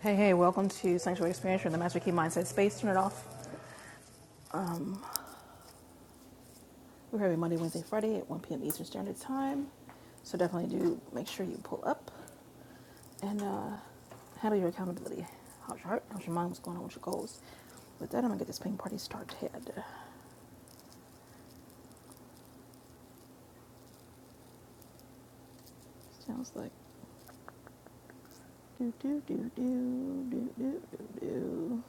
Hey, hey, welcome to Sanctuary Experience from the Master Key Mindset Space. Turn it off. Um, we're having Monday, Wednesday, Friday at 1 p.m. Eastern Standard Time. So definitely do make sure you pull up and uh, handle your accountability. How's your heart? How's your mind? What's going on with your goals? With that, I'm going to get this ping party started. It's like do, do, do, do, do, do,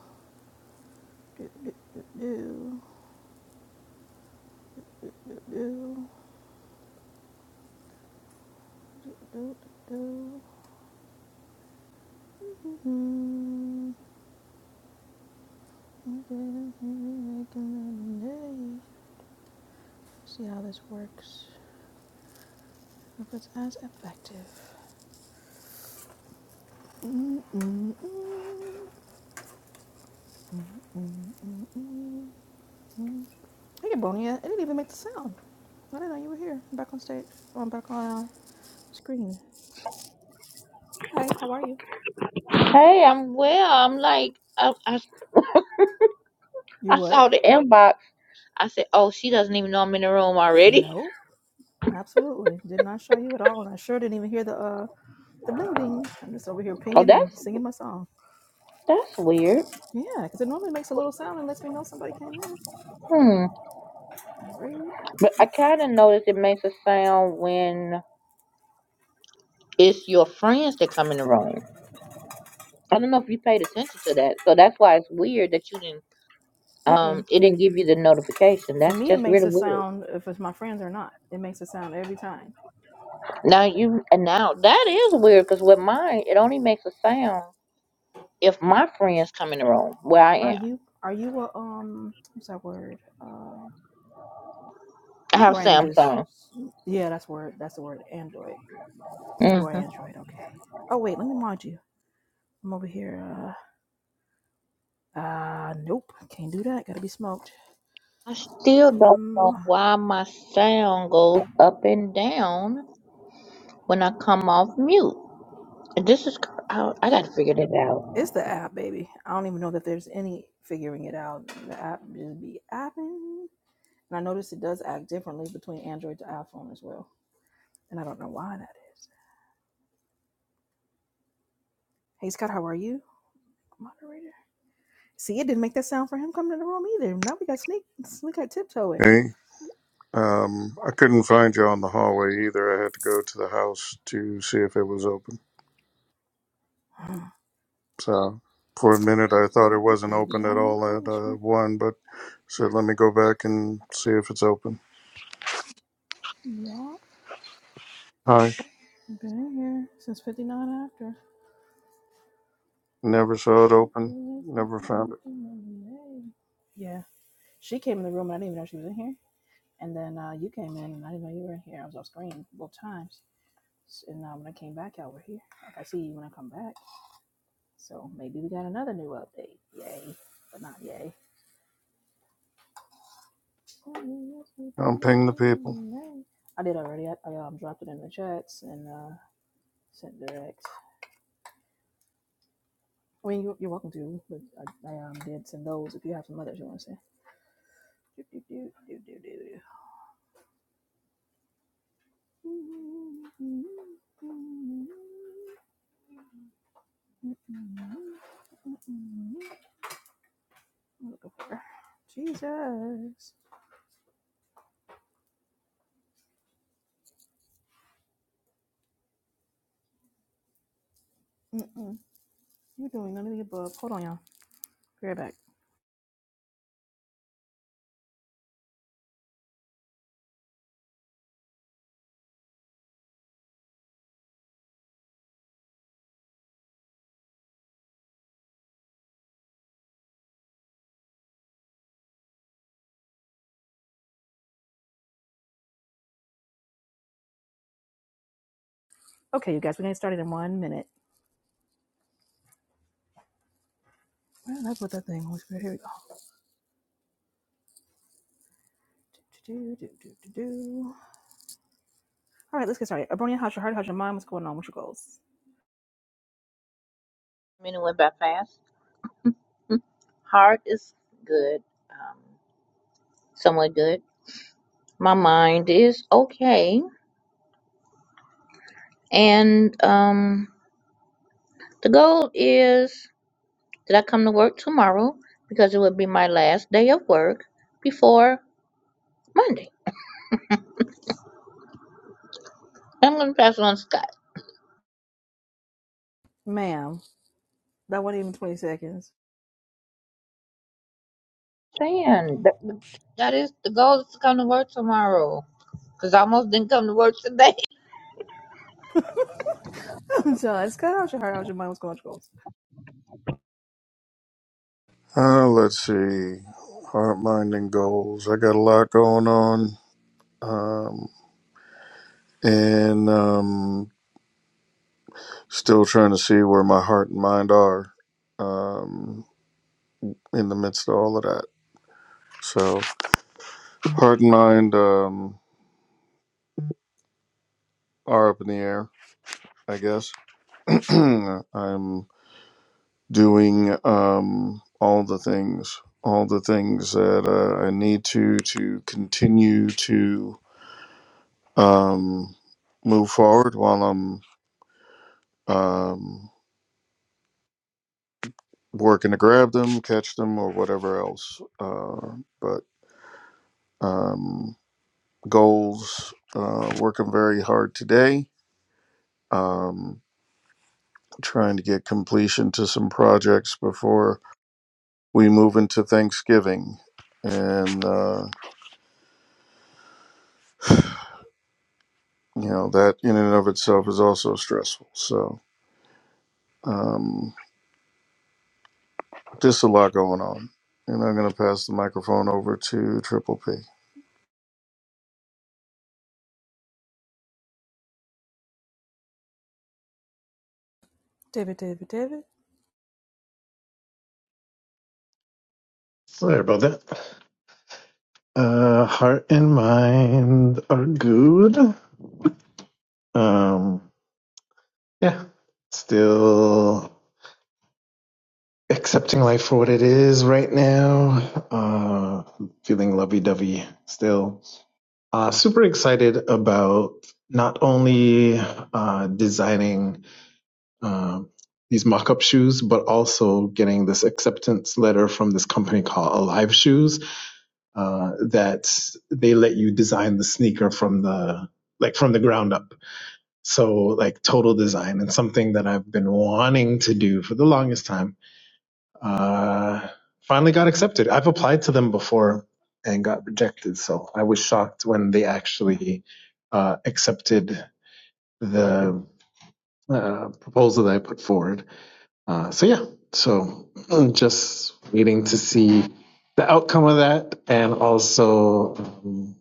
do, do, do, do, do, do, do, do. See how this works. If it's as effective. Hey, Bonia. It didn't even make the sound. I didn't know you were here. I'm back on stage. Oh, I'm back on uh, screen. Hi, how are you? Hey, I'm well. I'm like, I, I, You I what? saw the inbox. I said, oh, she doesn't even know I'm in the room already. Nope. Absolutely. Did not show you at all. And I sure didn't even hear the uh the bling bling. I'm just over here Oh, pinging that's and singing my song. that's weird. Yeah, because it normally makes a little sound and lets me know somebody came in. Hmm. Rude. But I kind of noticed it makes a sound when it's your friends that come in the room. I don't know if you paid attention to that, so that's why it's weird that you didn't. Um, Mm-mm. it didn't give you the notification. For That's me, it just really makes a weird. sound if it's my friends or not. It makes a sound every time. Now you and now that is weird because with mine, it only makes a sound if my friends come in the room where I Are am. you? Are you a um? What's that word? Uh, I My have brain just Samsung. yeah, that's word that's the word Android. You are Mm-hmm. Android, okay. Oh wait, let me mod you. I'm over here. Uh uh nope. Can't do that. Gotta be smoked. I still don't know Um why my sound goes up and down when I come off mute. This is, cr- I, I gotta figure that out. it's the app, baby. I don't even know that there's any figuring it out. The app just be apping. And I noticed it does act differently between Android to iPhone as well. And I don't know why that is. Hey Scott, how are you? Moderator. See, it didn't make that sound for him coming to the room either. Now we got sneak, we got tiptoeing. Hey, um, I couldn't find you on the hallway either. I had to go to the house to see if it was open. So for a minute, I thought it wasn't Maybe open at I'm on all at punishment. uh, one, but said, let me go back and see if it's open. Y'all Hi. been in here since 59 after. Never saw it open. Never found it. Yeah, she came in the room and I didn't even know she was in here. And then uh, you came in and I didn't know you were in here. I was off screen both times. S- And uh, when I came back, out, we're here. Like I see you when I come back. So maybe we got another new update. Yay, but not yay. I I'm ping the people. did already. I, I um, dropped it in the chats and uh, sent direct. I mean, you, you're welcome to, but I, I um, did send those if you have some others you want to say. Do, do, do, do, do, do. I'm looking for Jesus. Mm-mm. You're doing none of the above. Hold on, y'all. Be right back. Okay, you guys, we're gonna get started in one minute. Well, that's what that thing was. Here we go. Do, do, do, do, do, do. All right, let's get started. Abronia, how's your heart? How's your mind? What's going on? What's your goals? I mean, it went by fast. Heart is good, um, somewhat good. My mind is okay. And um, the goal is that I come to work tomorrow because it would be my last day of work before Monday. I'm gonna pass it on to Scott. Ma'am, that wasn't even 20 seconds. saying that, that is the goal is to come to work tomorrow. Cause I almost didn't come to work today. so it's good. How's your heart? How's your mind? What's going on? What's your goals? Uh, let's see. Heart, mind, and goals. I got a lot going on. Um, and um, still trying to see where my heart and mind are. Um. in the midst of all of that. So heart and mind um, are up in the air, I guess. I'm doing um, all the things, all the things that uh, I need to to continue to um, move forward while I'm um, working to grab them, catch them, or whatever else. Uh, but um, goals, uh, working very hard today. Um, trying to get completion to some projects before we move into Thanksgiving. And, uh, you know, that in and of itself is also stressful. So, um, just a lot going on. And I'm going to pass the microphone over to Triple P. David, David, David. Sorry about that. Uh, heart and mind are good. Um, yeah, still accepting life for what it is right now. Uh, feeling lovey-dovey still. Uh, super excited about not only uh, designing um these mock-up shoes, but also getting this acceptance letter from this company called Alive Shoes uh, that they let you design the sneaker from the like from the ground up. So like total design and something that I've been wanting to do for the longest time. Uh, finally got accepted. I've applied to them before and got rejected. So I was shocked when they actually uh, accepted the uh, proposal that I put forward. Uh, so yeah, so I'm just waiting to see the outcome of that and also. um,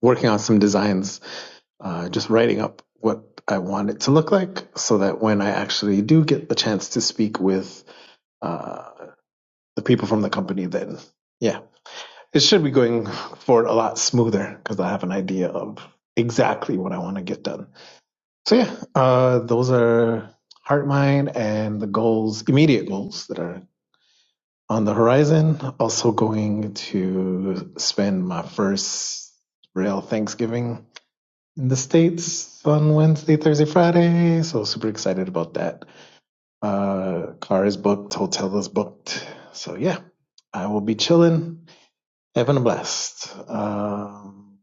working on some designs, uh, just writing up what I want it to look like so that when I actually do get the chance to speak with uh, the people from the company, then yeah, it should be going forward a lot smoother because I have an idea of exactly what I want to get done. So yeah, uh, those are heart mine and the goals, immediate goals that are on the horizon. Also going to spend my first real Thanksgiving in the States on Wednesday, Thursday, Friday. So super excited about that. Uh, car is booked, hotel is booked. So yeah, I will be chilling, having a blast. Um,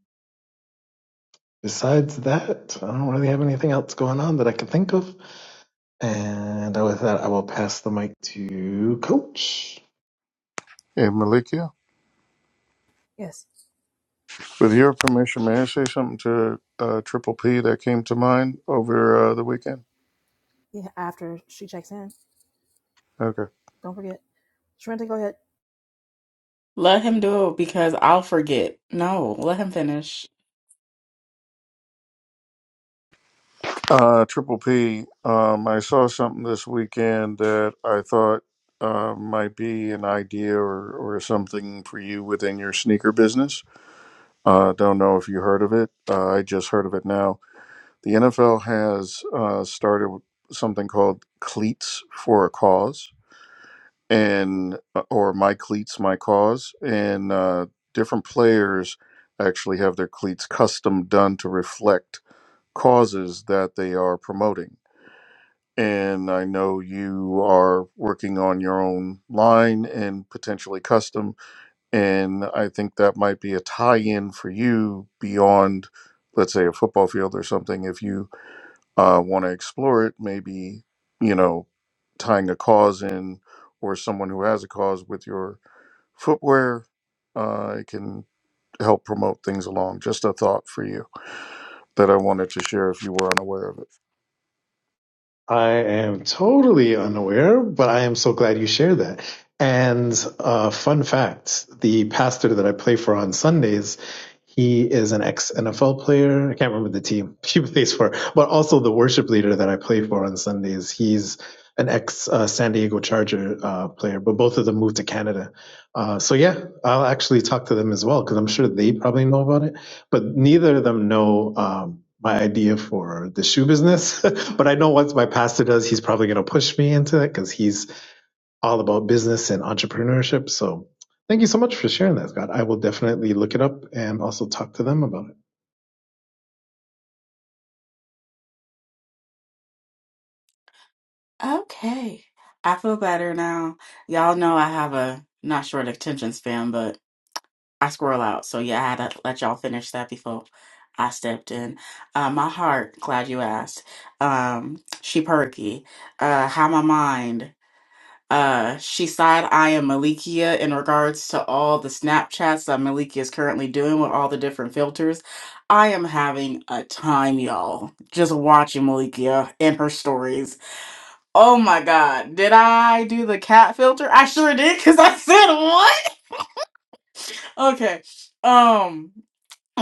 besides that, I don't really have anything else going on that I can think of. And with that, I will pass the mic to Coach. Hey, Malikia, Yes. with your permission, may I say something to uh, Triple P that came to mind over uh, the weekend? Yeah, after she checks in. Okay. Don't forget. Sharenta, go ahead. Let him do it because I'll forget. No, let him finish. Uh, Triple P, um, I saw something this weekend that I thought uh, might be an idea or, or something for you within your sneaker business. Uh, don't know if you heard of it. Uh, I just heard of it now. The NFL has uh, started something called Cleats for a Cause, and uh, or My Cleats, My Cause, and uh, different players actually have their cleats custom done to reflect causes that they are promoting and I know you are working on your own line and potentially custom. And I think that might be a tie in for you beyond, let's say, a football field or something. If you uh, want to explore it, maybe, you know, tying a cause in or someone who has a cause with your footwear, uh, it can help promote things along. Just a thought for you that I wanted to share if you were unaware of I am totally unaware, but I am so glad you shared that. And uh, fun fact the pastor that I play for on Sundays, he is an ex NFL player. I can't remember the team he plays for, but also the worship leader that I play for on Sundays. He's an ex uh, San Diego Charger uh, player, but both of them moved to Canada. Uh, so, yeah, I'll actually talk to them as well because I'm sure they probably know about it but neither of them know um, my idea for the shoe business. but I know once my pastor does, he's probably going to push me into it because he's all about business and entrepreneurship. So thank you so much for sharing that, Scott. I will definitely look it up and also talk to them about it. Okay. I feel better now. Y'all know I have a not short attention span, but I squirrel out. So yeah, I had to let y'all finish that before I stepped in. Uh, my heart, glad you asked. Um, she perky. Uh, how my mind? Uh, she side eyeing Malikia in regards to all the Snapchats that Malikia is currently doing with all the different filters. I am having a time, y'all, just watching Malikia and her stories. Oh my god, did I do the cat filter? I sure did, because I said what? Okay. Um,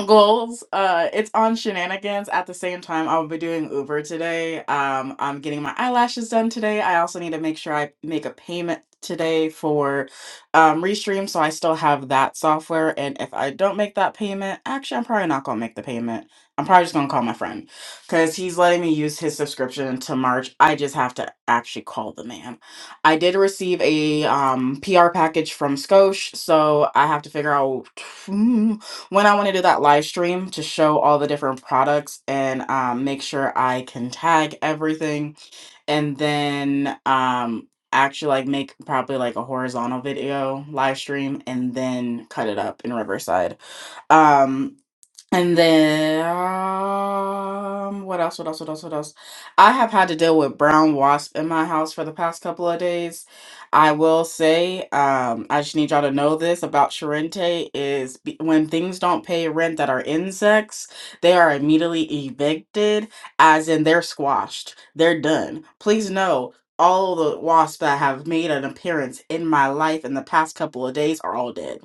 goals uh it's on shenanigans at the same time i'll be doing uber today um i'm getting my eyelashes done today i also need to make sure i make a payment today for um restream so i still have that software and if i don't make that payment actually i'm probably not gonna make the payment i'm probably just gonna call my friend because he's letting me use his subscription until march i just have to actually call the man i did receive a um pr package from Skosh, so i have to figure out when I want to do that live stream to show all the different products and um, make sure I can tag everything and then um, actually like make probably like a horizontal video live stream and then cut it up in Riverside. Um, and then um, what else? What else? What else? What else? I have had to deal with brown wasp in my house for the past couple of days. I will say, um, I just need y'all to know this about Charente is be- when things don't pay rent that are insects, they are immediately evicted, as in they're squashed. They're done. Please know all the wasps that have made an appearance in my life in the past couple of days are all dead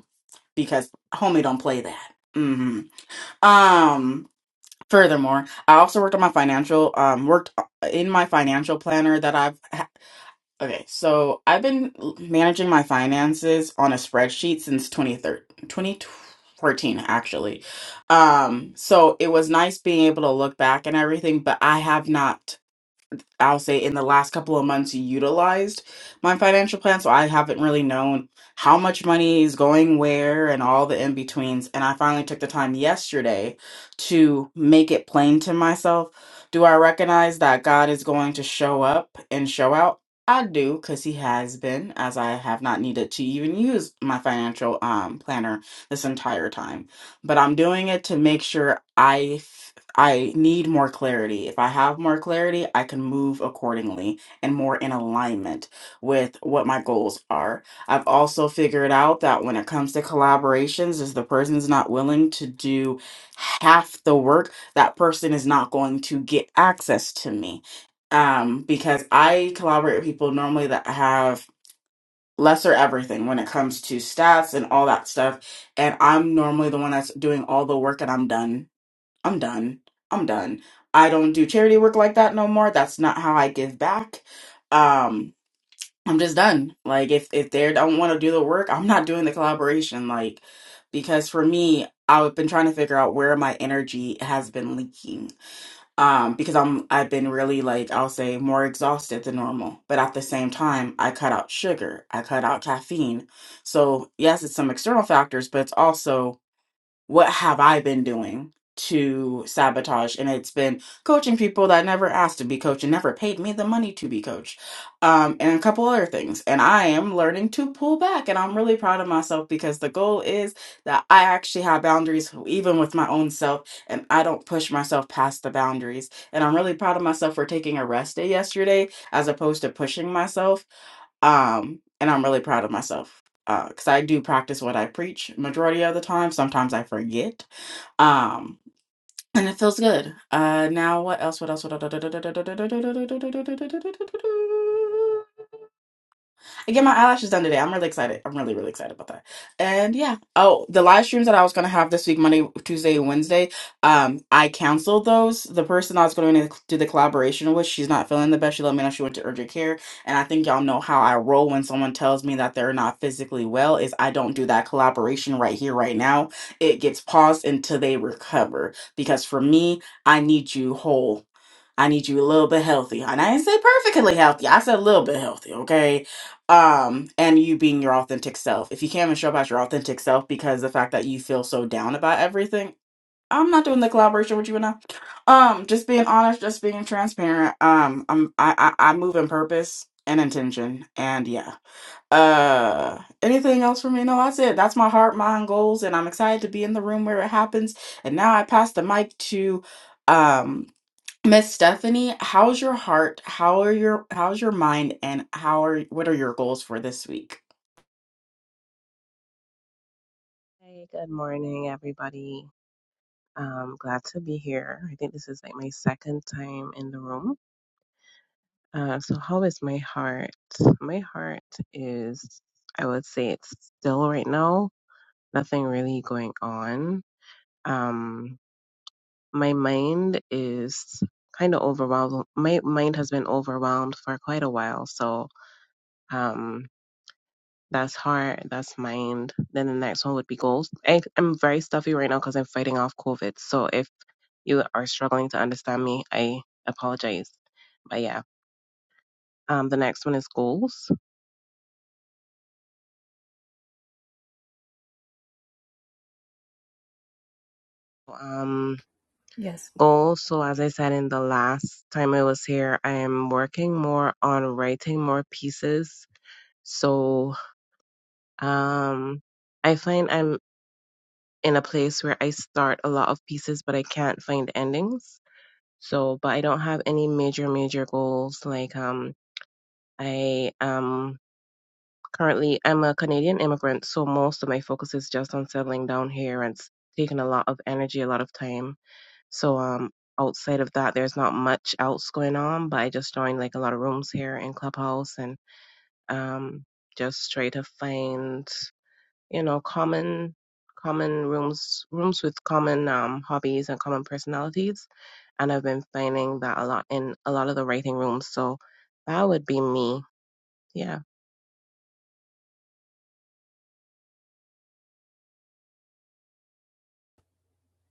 because homie don't play that. Mm-hmm. Um, furthermore, I also worked on my financial, um, worked uh, in my financial planner that I've, ha- okay, so I've been managing my finances on a spreadsheet since 2013, 2014, actually. Um, so it was nice being able to look back and everything, but I have not I'll say in the last couple of months utilized my financial plan. So I haven't really known how much money is going where and all the in betweens. And I finally took the time yesterday to make it plain to myself. Do I recognize that God is going to show up and show out? I do because he has been, as I have not needed to even use my financial um, planner this entire time. But I'm doing it to make sure I I need more clarity. If I have more clarity, I can move accordingly and more in alignment with what my goals are. I've also figured out that when it comes to collaborations, if the person's not willing to do half the work, that person is not going to get access to me. Um, because I collaborate with people normally that have lesser everything when it comes to stats and all that stuff. And I'm normally the one that's doing all the work and I'm done I'm done. I'm done. I don't do charity work like that no more. That's not how I give back. Um, I'm just done. Like if if they don't want to do the work, I'm not doing the collaboration. Like because for me, I've been trying to figure out where my energy has been leaking. Um, because I'm I've been really like I'll say more exhausted than normal. But at the same time, I cut out sugar. I cut out caffeine. So yes, it's some external factors, but it's also what have I been doing to sabotage? And it's been coaching people that never asked to be coached and never paid me the money to be coached, um, and a couple other things. And I am learning to pull back, and I'm really proud of myself because the goal is that I actually have boundaries, even with my own self, and I don't push myself past the boundaries. And I'm really proud of myself for taking a rest day yesterday as opposed to pushing myself um and i'm really proud of myself because i do practice what i preach majority of the time sometimes i forget um and it feels good uh now what else what else what else I get my eyelashes done today. I'm really excited. I'm really, really excited about that. And yeah. Oh, the live streams that I was gonna have this week, Monday, Tuesday, Wednesday, um, I canceled those. The person I was gonna do the collaboration with, she's not feeling the best. She let me know she went to urgent care. And I think y'all know how I roll when someone tells me that they're not physically well, is I don't do that collaboration right here, right now. It gets paused until they recover. Because for me, I need you whole I need you a little bit healthy. And I didn't say perfectly healthy. I said a little bit healthy, okay? Um, and you being your authentic self. If you can't even show up as your authentic self because the fact that you feel so down about everything, I'm not doing the collaboration with you enough. Um, just being honest, just being transparent. Um, I'm I I, I move in purpose and intention. And yeah. Uh anything else for me? No, that's it. That's my heart, mind, goals, and I'm excited to be in the room where it happens. And now I pass the mic to um Miss Stephanie, how's your heart? How are your how's your mind and how are what are your goals for this week? Hey, good morning, everybody. Um, glad to be here. I think this is like my second time in the room. Uh, so how is my heart? My heart is, I would say it's still right now, nothing really going on. Um, my mind is kind of overwhelmed. My mind has been overwhelmed for quite a while. So, um, that's heart, that's mind. Then the next one would be goals. I, I'm very stuffy right now because I'm fighting off COVID. So if you are struggling to understand me, I apologize. But yeah, um, the next one is goals. Um, Yes. goals. So as I said in the last time I was here, I am working more on writing more pieces. So um, I find I'm in a place where I start a lot of pieces, but I can't find endings. So, but I don't have any major, major goals like um. I am Currently, I'm a Canadian immigrant, so most of my focus is just on settling down here and it's taking a lot of energy, a lot of time. So um outside of that there's not much else going on, but I just joined like a lot of rooms here in Clubhouse and um just try to find, you know, common common rooms rooms with common um hobbies and common personalities. And I've been finding that a lot in a lot of the writing rooms. So that would be me. yeah.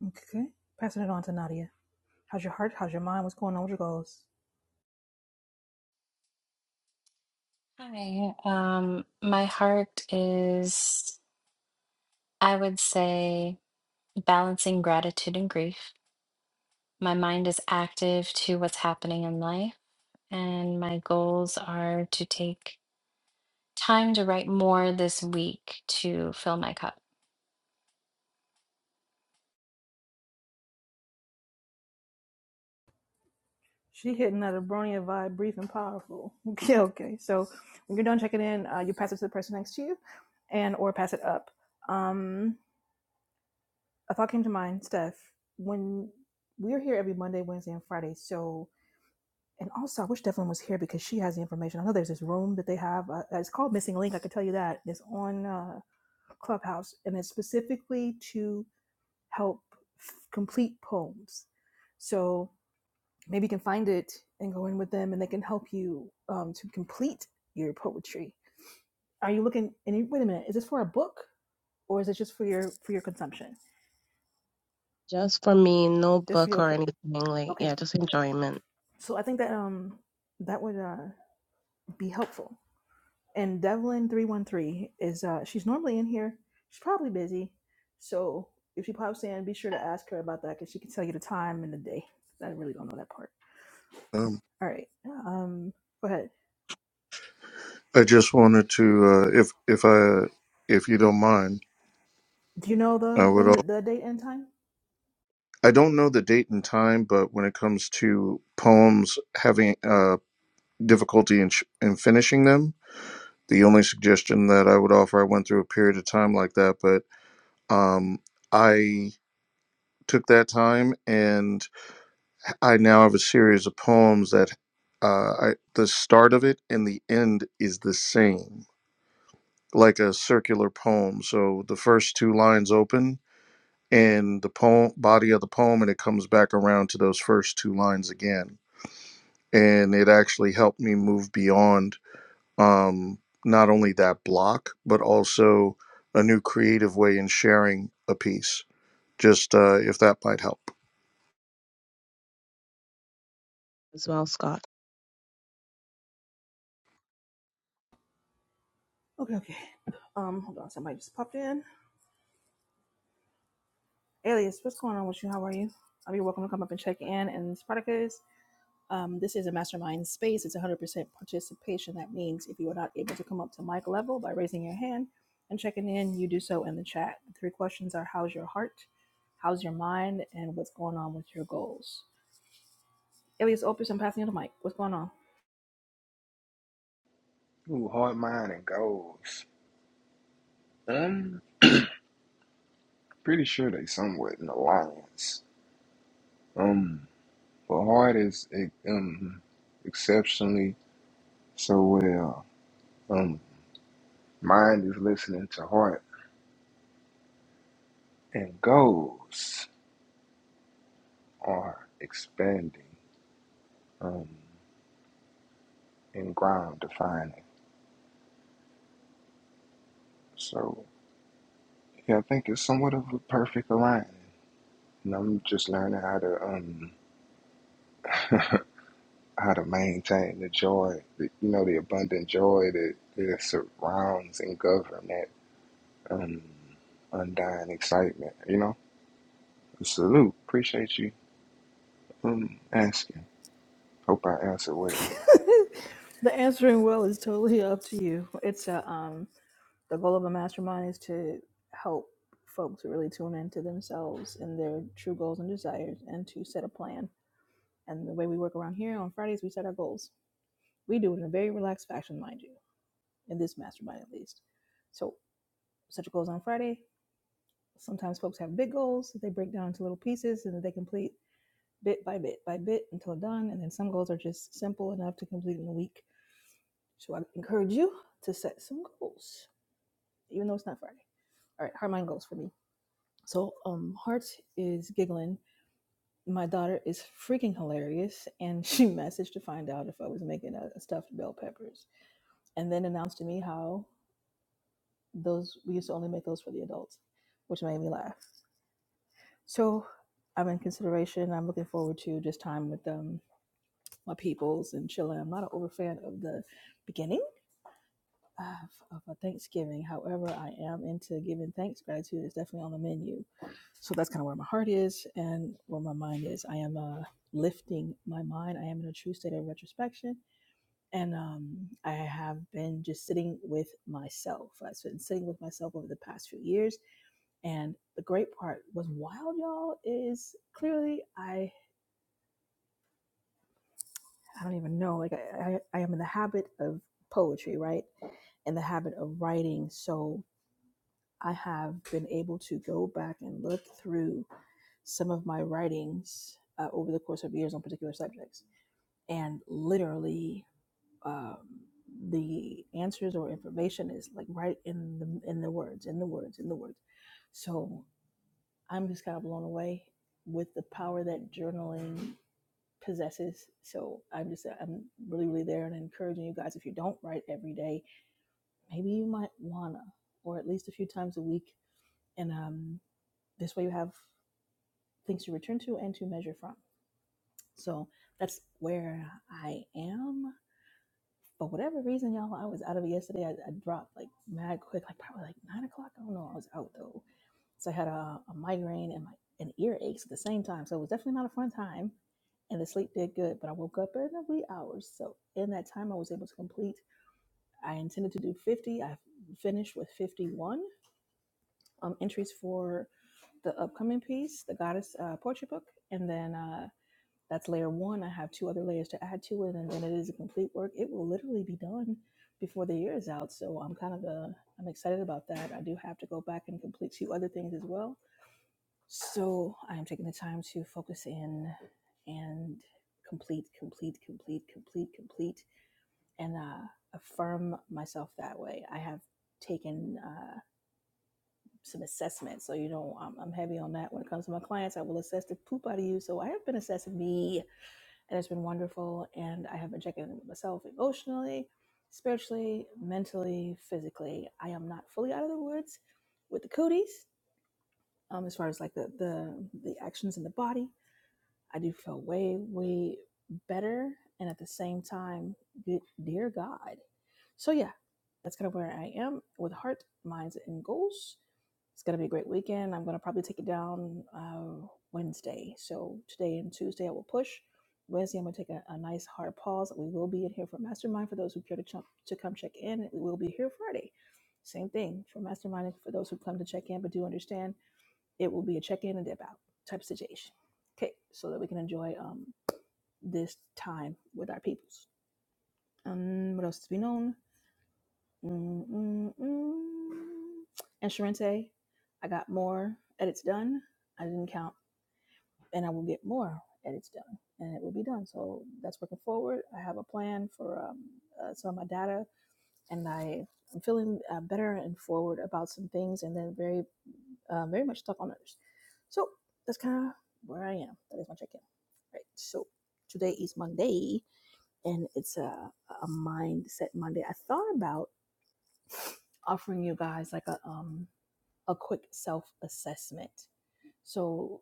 Okay. Passing it on to Nadia. How's your heart? How's your mind? What's going on with your goals? Hi. Um, my heart is, I would say, balancing gratitude and grief. My mind is active to what's happening in life, and my goals are to take time to write more this week to fill my cup. She hitting that Abronia vibe, brief and powerful. Okay, okay. So when you're done checking in, uh, you pass it to the person next to you and or pass it up. Um, a thought came to mind, Steph. When we're here every Monday, Wednesday, and Friday, so and also I wish Devlin was here because she has the information. I know there's this room that they have. Uh, it's called Missing Link. I can tell you that it's on. Uh, Clubhouse, and it's specifically to help f- complete poems. So maybe you can find it and go in with them, and they can help you um, to complete your poetry. Are you looking? Any, wait a minute, is this for a book or is it just for your for your consumption? Just for me, no Just for book your or okay, anything. Like, okay. yeah, just enjoyment So I think that um that would uh, be helpful. and Devlin three one three is uh she's normally in here. She's probably busy, so if she pops in, be sure to ask her about that because she can tell you the time and the day. I really don't know that part. it. All right, um, go ahead. I just wanted to, uh, if if I if you don't mind, Do you know I the would. the, All, the date and time? I don't know the date and time, but when it comes to poems having uh, difficulty in, sh- in finishing them, the only suggestion that I would offer, I went through a period of time like that, but um, I took that time, and I now have a series of poems that uh, I, the start of it and the end is the same, like a circular poem. So the first two lines open in the poem body of the poem and it comes back around to those first two lines again and it actually helped me move beyond um not only that block but also a new creative way in sharing a piece just uh if that might help as well, Scott. Okay, okay. Um, hold on. Somebody just popped in. Alias, what's going on with you? How are you? Um, you're welcome to come up and check in. And Spartacus, Um, this is a mastermind space. It's 100% participation. That means if you are not able to come up to mic level by raising your hand and checking in, you do so in the chat. The three questions are how's your heart, how's your mind, and what's going on with your goals? Elias Opus, I'm passing you the mic. What's going on? Ooh, hard mind, and goals. Um, pretty sure they somewhat in alliance. Um, but heart is e, um exceptionally so well. Um, mind is listening to heart, and goals are expanding. Um, and ground defining. So yeah, I think it's somewhat of a perfect alignment. And I'm just learning how to um how to maintain the joy, the, you know, the abundant joy that, that surrounds and governs that um, undying excitement. You know, salute. Appreciate you um, asking. Hope I answered well. the answering well is totally up to you. It's a, um, the goal of a mastermind is to help folks really tune into themselves and their true goals and desires and to set a plan. And the way we work around here on Fridays, we set our goals We do it in a very relaxed fashion, mind you, in this mastermind at least. So, set your goals on Friday. Sometimes folks have big goals that they break down into little pieces and that they complete bit by bit by bit until done. And then some goals are just simple enough to complete in a week. So, I encourage you to set some goals, even though it's not Friday. All right, heart mind goals for me. So, um, heart is giggling. My daughter is freaking hilarious, and she messaged to find out if I was making a, a stuffed bell peppers, and then announced to me how those we used to only make those for the adults, which made me laugh. So I'm in consideration. I'm looking forward to just time with um, my peoples and chilling. I'm not an over fan of the beginning of, of a Thanksgiving. However, I am into giving thanks. Gratitude is definitely on the menu. So that's kind of where my heart is and where my mind is. I am uh, lifting my mind. I am in a true state of retrospection. And um, I have been just sitting with myself. I've been sitting with myself over the past few years And the great part was wild, y'all, is clearly I I don't even know. Like I, I, I am in the habit of poetry, right? In the habit of writing. So I have been able to go back and look through some of my writings uh, over the course of years on particular subjects. And literally, um, the answers or information is like right in the in the words, in the words, in the words. So I'm just kind of blown away with the power that journaling possesses. So I'm just I'm really really there and encouraging you guys if you don't write every day, maybe you might wanna, or at least a few times a week, and um, this way you have things to return to and to measure from. So that's where I am. But whatever reason, y'all, I was out of it yesterday. I, I dropped like mad quick, like probably like nine o'clock. I don't know. I was out though So I had a, a migraine and my and earaches at the same time. So it was definitely not a fun time. And the sleep did good, but I woke up in the wee hours. So in that time, I was able to complete. I intended to do 50. I finished with 51 um, entries for the upcoming piece, the Goddess uh, Poetry Book. And then uh, that's layer one. I have two other layers to add to it. And then it is a complete work. It will literally be done before the year is out. So I'm kind of, uh, I'm excited about that. I do have to go back and complete two other things as well so I am taking the time to focus in and complete, complete, complete, complete, complete, and uh, affirm myself that way. I have taken uh, some assessment, so you know I'm, I'm heavy on that when it comes to my clients. I will assess the poop out of you. So I have been assessing me, and it's been wonderful. And I have been checking in with myself emotionally, spiritually, mentally, physically. I am not fully out of the woods with the cooties, um, as far as like the the the actions in the body I do feel way, way better. And at the same time, good, dear God. So, yeah, that's kind of where I am with heart, minds, and goals. It's going to be a great weekend. I'm going to probably take it down uh, Wednesday. So, today and Tuesday, I will push. Wednesday, I'm going to take a, a nice hard pause. We will be in here for Mastermind for those who care to, ch- to come check in. We will be here Friday. Same thing for Mastermind for those who come to check in, but do understand it will be a check in and dip out type of situation. Okay, so that we can enjoy um, this time with our peoples. Um, what else to be known? Mm, mm, mm. And Sharente, I got more edits done. I didn't count, and I will get more edits done, and it will be done. So that's working forward. I have a plan for um, uh, some of my data, and I I'm feeling uh, better and forward about some things, and then very um, very much stuck on others. So that's kind of where I am. That is my check in. Right. So today is Monday and it's a, a mindset Monday. I thought about offering you guys like a, um, a quick self assessment. So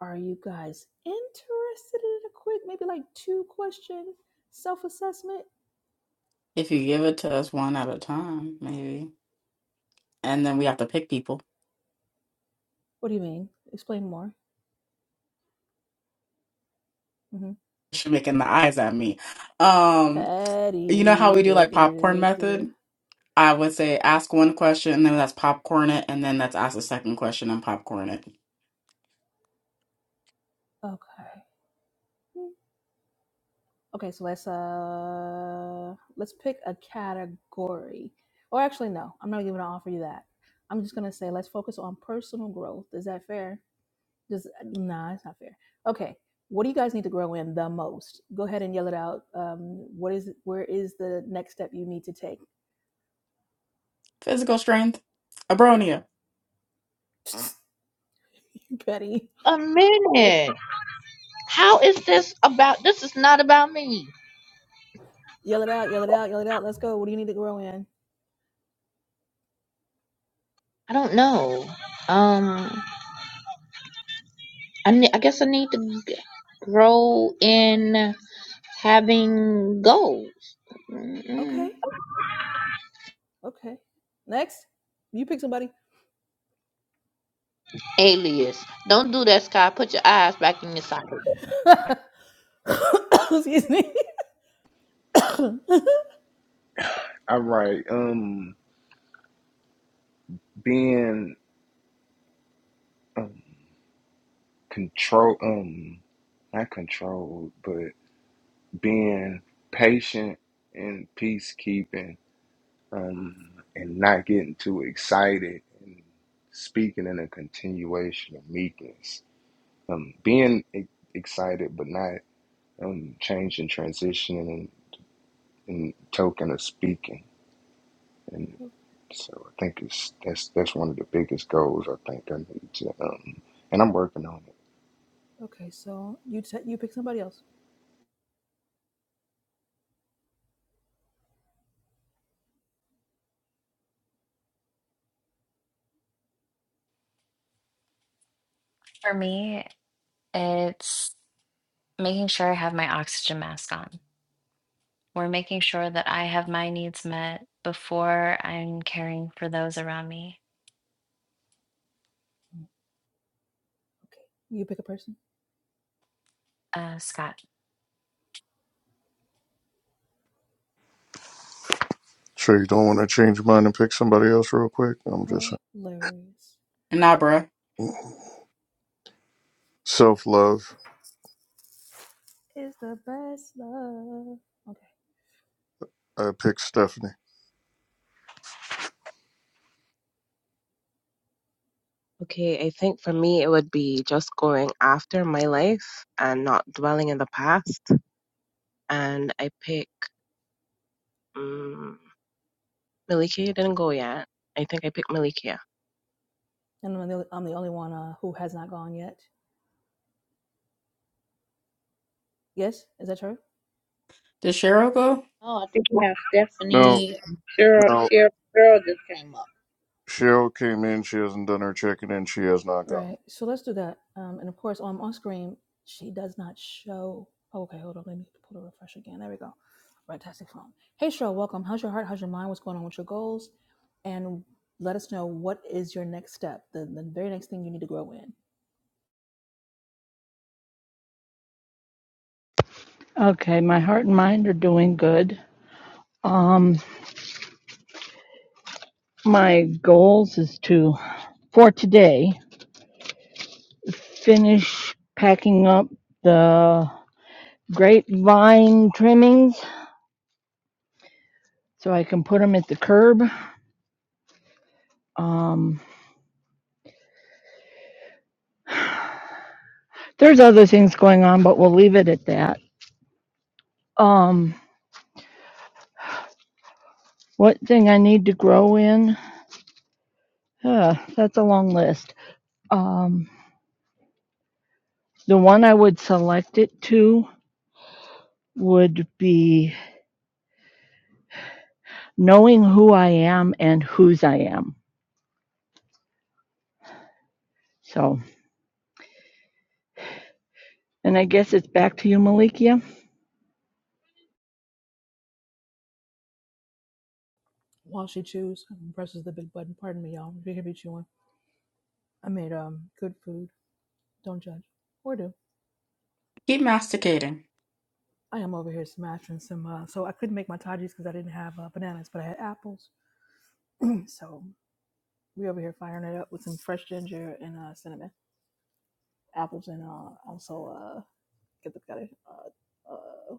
are you guys interested in a quick, maybe like two question self assessment? If you give it to us one at a time, maybe. And then we have to pick people. What do you mean? Explain more. hmm She's making the eyes at me. Um, you know how we Patty. do like popcorn method? I would say ask one question and then that's popcorn it, and then that's ask the second question and popcorn it. Okay. Okay, so let's uh let's pick a category. Or actually no, I'm not even gonna offer you that. I'm just gonna say let's focus on personal growth. Is that fair? Just nah, it's not fair. Okay. What do you guys need to grow in the most? Go ahead and yell it out. Um, what is where is the next step you need to take? Physical strength. Abronia. Betty. A minute. How is this about? This is not about me. Yell it out, yell it out, yell it out. Let's go. What do you need to grow in? I don't know. Um, I ne- I guess I need to g- grow in having goals. Mm-mm. Okay. Okay. Next. You pick somebody. Alias, don't do that, Sky. Put your eyes back in your socket. Excuse me. okay, All right. Um, being um, control, um, not controlled, but being patient and peacekeeping, um, and not getting too excited and speaking in a continuation of meekness um, being e- excited but not um, changing, transitioning, and, and token of speaking. And so I think it's that's that's one of the biggest goals I think I need to. Um, and I'm working on it. so you t- you pick somebody else. For me, it's making sure I have my oxygen mask on. We're making sure that I have my needs met before I'm caring for those around me. Mm, Okay. You pick a person. Uh, Scott. sure you don't want to change your mind and pick somebody else real quick i'm just Hilarious. Nabra. self-love Is the best love. Okay. i picked stephanie Okay, I think for me, it would be just going after my life and not dwelling in the past. And I pick um, Malikia didn't go yet. I think I picked Malikia. And I'm the, I'm the only one uh, who has not gone yet. Yes? Is that true? Does Cheryl go? Oh, I think we have no Stephanie. Cheryl, no Cheryl, Cheryl just came up. cheryl came in she hasn't done her check-in and she has not gone Right. So let's do that. Um, and of course, on on screen, she does not show. oh, Okay, hold on. Let me pull the refresh again. There we go. Fantastic phone. Hey, Cheryl, welcome. How's your heart? How's your mind? What's going on with your goals? and let us know what is your next step, the, the very next thing you need to grow in. Okay, my heart and mind are doing good. Um, my goals is to, for today, finish packing up the grapevine trimmings so I can put them at the curb. Um, there's other things going on, but we'll leave it at that. Um, what thing I need to grow in? Uh, that's a long list. Um, the one I would select it to would be knowing who I am and whose I am. So. And I guess it's back to you, Malikia. While she chews and presses the big button, pardon me, y'all, if you hear me chewing, I made um good food. Don't judge or do. Keep masticating. I am over here smashing some. Uh, so I couldn't make my Tajis because I didn't have uh, bananas, but I had apples. So we over here firing it up with some fresh ginger and uh, cinnamon, apples, and uh, also uh, get the got it. Uh, uh,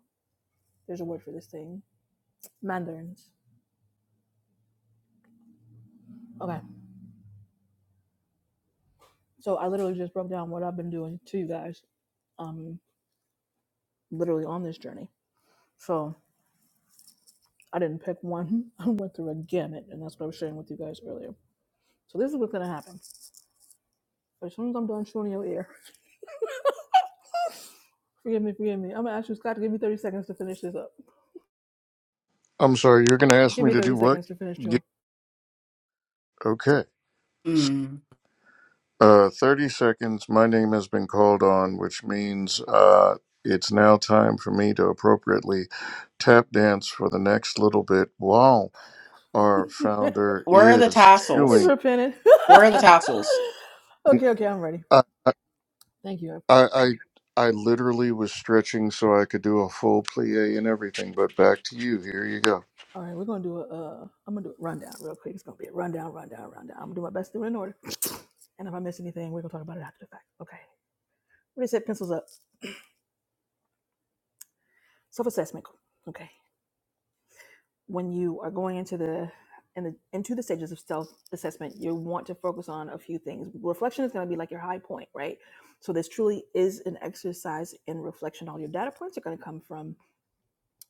there's a word for this thing, mandarins. Okay, so I literally just broke down what I've been doing to you guys, literally on this journey. So I didn't pick one. I went through a gamut, and that's what I was sharing with you guys earlier. So this is what's gonna happen. As soon as I'm done chewing your ear, forgive me, forgive me. I'm gonna ask you, Scott, to give me 30 seconds to finish this up. i'm sorry you're gonna ask Give me me to 30 do what seconds to finish, yeah, Joe. okay Hmm. Uh, 30 seconds. My name has been called on, which means uh, it's now time for me to appropriately tap dance for the next little bit while our He's founder Where are the is tassels? chewing. repenting. Where are the tassels? Yeah, okay, okay, I'm ready. I, I, Thank you. I, I literally was stretching so I could do a full plie and everything, but back to you. Here you go. All right, we're gonna do a. Uh, I'm gonna do a rundown real quick. It's gonna be a rundown, rundown, rundown. I'm gonna do my best to do it in order. And if I miss anything, we're gonna talk about it after the fact. Okay. Ready, set, pencils up. Self-assessment. Okay. When you are going into the in the into the stages of self-assessment, you want to focus on a few things. Reflection is gonna be like your high point, right? So this truly is an exercise in reflection. All your data points are gonna come from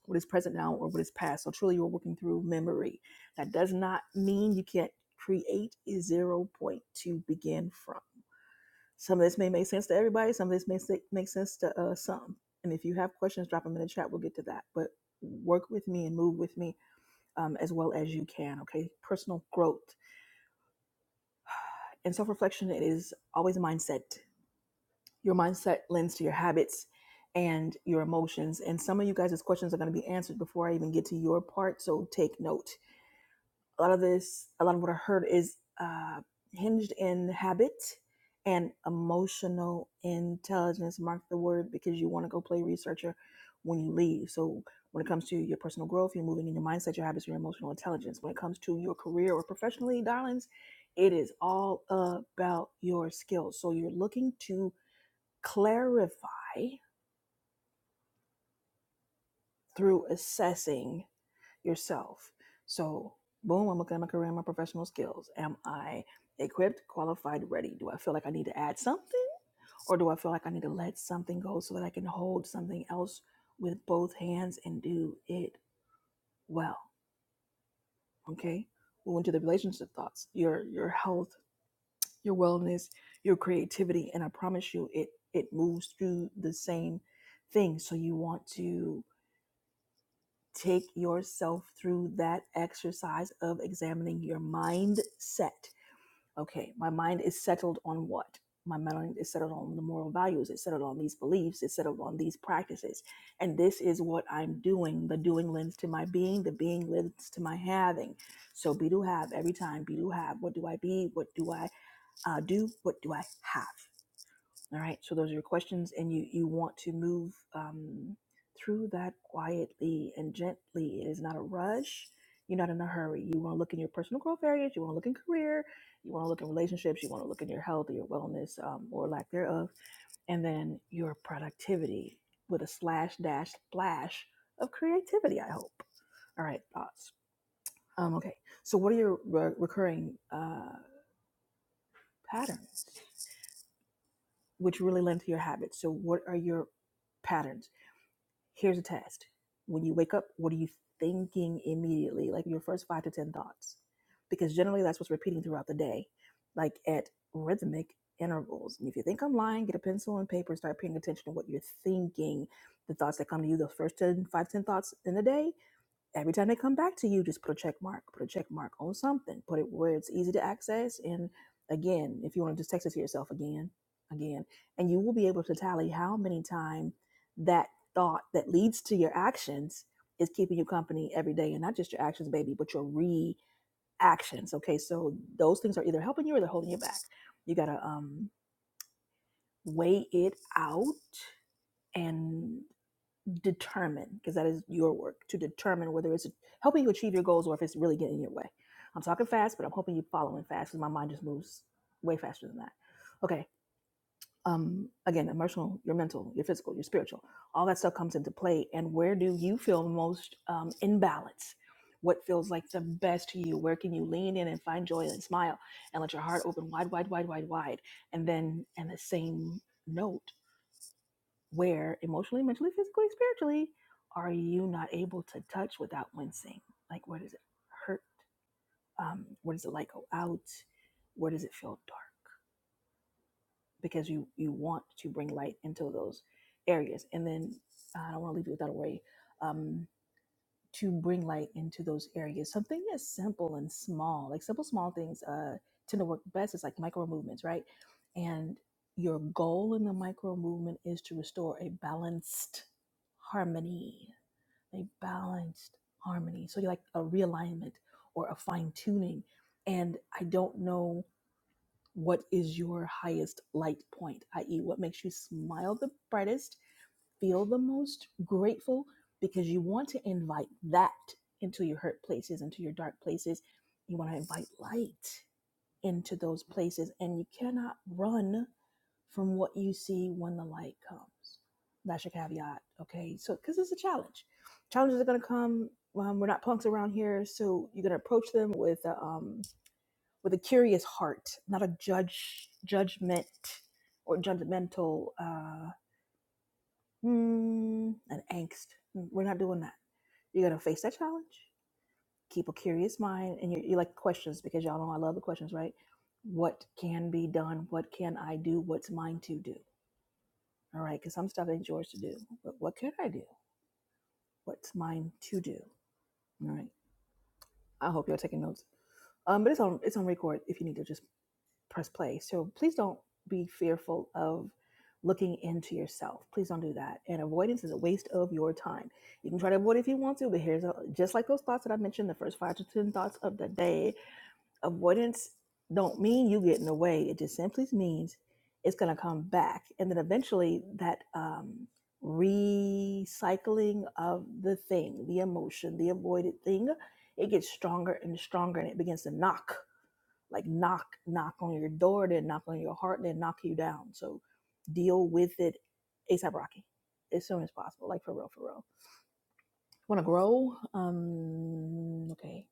what is present now or what is past. So truly, you're working through memory. That does not mean you can't create a zero point to begin from. Some of this may make sense to everybody. Some of this may make sense to uh, some. And if you have questions, drop them in the chat. We'll get to that. But work with me and move with me um, as well as you can. Okay, personal growth and self reflection is always a mindset. Your mindset lends to your habits and your emotions. And some of you guys' questions are going to be answered before I even get to your part. So take note a lot of this, a lot of what I heard is uh, hinged in habit and emotional intelligence. Mark the word because you want to go play researcher when you leave. So when it comes to your personal growth, you're moving in your mindset, your habits, your emotional intelligence. When it comes to your career or professionally, darlings, it is all about your skills. So you're looking to clarify through assessing yourself. So, boom, I'm looking at my career and my professional skills. Am I equipped, qualified, ready? Do I feel like I need to add something or do I feel like I need to let something go so that I can hold something else with both hands and do it well? Okay. Move into the relationship thoughts, your your health, your wellness, your creativity, and I promise you, it it moves through the same thing. So you want to take yourself through that exercise of examining your mindset. Okay, my mind is settled on what? My mind is settled on the moral values, it's settled on these beliefs, it's settled on these practices. And this is what I'm doing. The doing lends to my being, the being lends to my having. So be to have every time, be to have. What do I be? What do I uh, do? What do I have? All right, so those are your questions, and you you want to move um, through that quietly and gently. It is not a rush. You're not in a hurry. You want to look in your personal growth areas. You want to look in career. You want to look in relationships. You want to look in your health, or your wellness, um, or lack thereof, and then your productivity with a slash dash splash of creativity. I hope. All right, thoughts. Um, okay, so what are your re- recurring uh, patterns, which really lend to your habits? So what are your patterns? Here's a test. When you wake up, what are you thinking immediately? Like your first five to 10 thoughts, because generally that's what's repeating throughout the day, like at rhythmic intervals. And if you think I'm lying, get a pencil and paper and start paying attention to what you're thinking, the thoughts that come to you, those first ten, five ten thoughts in the day Every time they come back to you, just put a check mark, put a check mark on something, put it where it's easy to access. And again, if you want to just text it to yourself again, again, and you will be able to tally how many times that thought that leads to your actions is keeping you company every day. And not just your actions, baby, but your reactions. Okay. So those things are either helping you or they're holding you back. You got to um, weigh it out and determine because that is your work to determine whether it's helping you achieve your goals or if it's really getting in your way i'm talking fast but i'm hoping you're following fast because my mind just moves way faster than that okay um again emotional your mental your physical your spiritual all that stuff comes into play and where do you feel most um, in balance what feels like the best to you where can you lean in and find joy and smile and let your heart open wide wide wide wide wide and then and the same note where emotionally, mentally, physically, spiritually are you not able to touch without wincing? Like, where does it hurt? Um, where does the light go out? Where does it feel dark? Because you you want to bring light into those areas. And then uh, I don't want to leave you without a worry. Um, to bring light into those areas. Something as simple and small, like simple small things, uh, tend to work best. It's like micro movements, right? And your goal in the micro movement is to restore a balanced harmony, a balanced harmony. So you like a realignment or a fine tuning. And I don't know what is your highest light point, i.e., what makes you smile the brightest feel the most grateful because you want to invite that into your hurt places, into your dark places. You want to invite light into those places, and you cannot run from what you see when the light comes. That's your caveat, okay? So, because it's a challenge, challenges are going to come. Um, we're not punks around here, so you're going to approach them with a, um, with a curious heart, not a judge judgment or judgmental. uh, mm, an angst. Mm, We're not doing that. You're gonna face that challenge. Keep a curious mind, and you, you like questions because y'all know I love the questions, right? What can be done? What can I do? What's mine to do? All right, because some stuff ain't yours to do. But what can I do? What's mine to do? All right. I hope y'all taking notes. Um, but it's on it's on record if you need to just press play. So please don't be fearful of looking into yourself. Please don't do that. And avoidance is a waste of your time. You can try to avoid if you want to, but here's a, just like those thoughts that I mentioned, the first five to 10 thoughts of the day, avoidance don't mean you get in the way. It just simply means it's going to come back. And then eventually that, um, recycling of the thing, the emotion, the avoided thing, it gets stronger and stronger and it begins to knock like knock knock on your door then knock on your heart then knock you down so deal with it asap rocky as soon as possible like for real for real want to grow um okay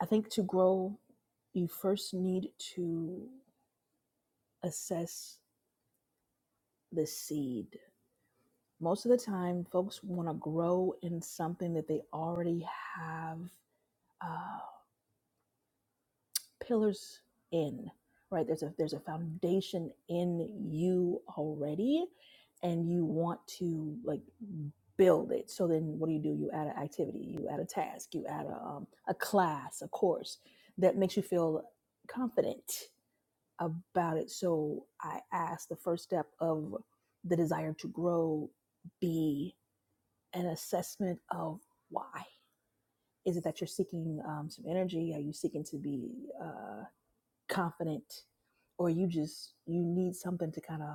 i think to grow you first need to assess the seed most of the time folks want to grow in something that they already have uh, pillars in right there's a there's a foundation in you already and you want to like build it so then what do you do you add an activity you add a task you add a, um, a class a course that makes you feel confident about it so i asked the first step of the desire to grow be an assessment of why is it that you're seeking um, some energy are you seeking to be uh, confident or you just you need something to kind of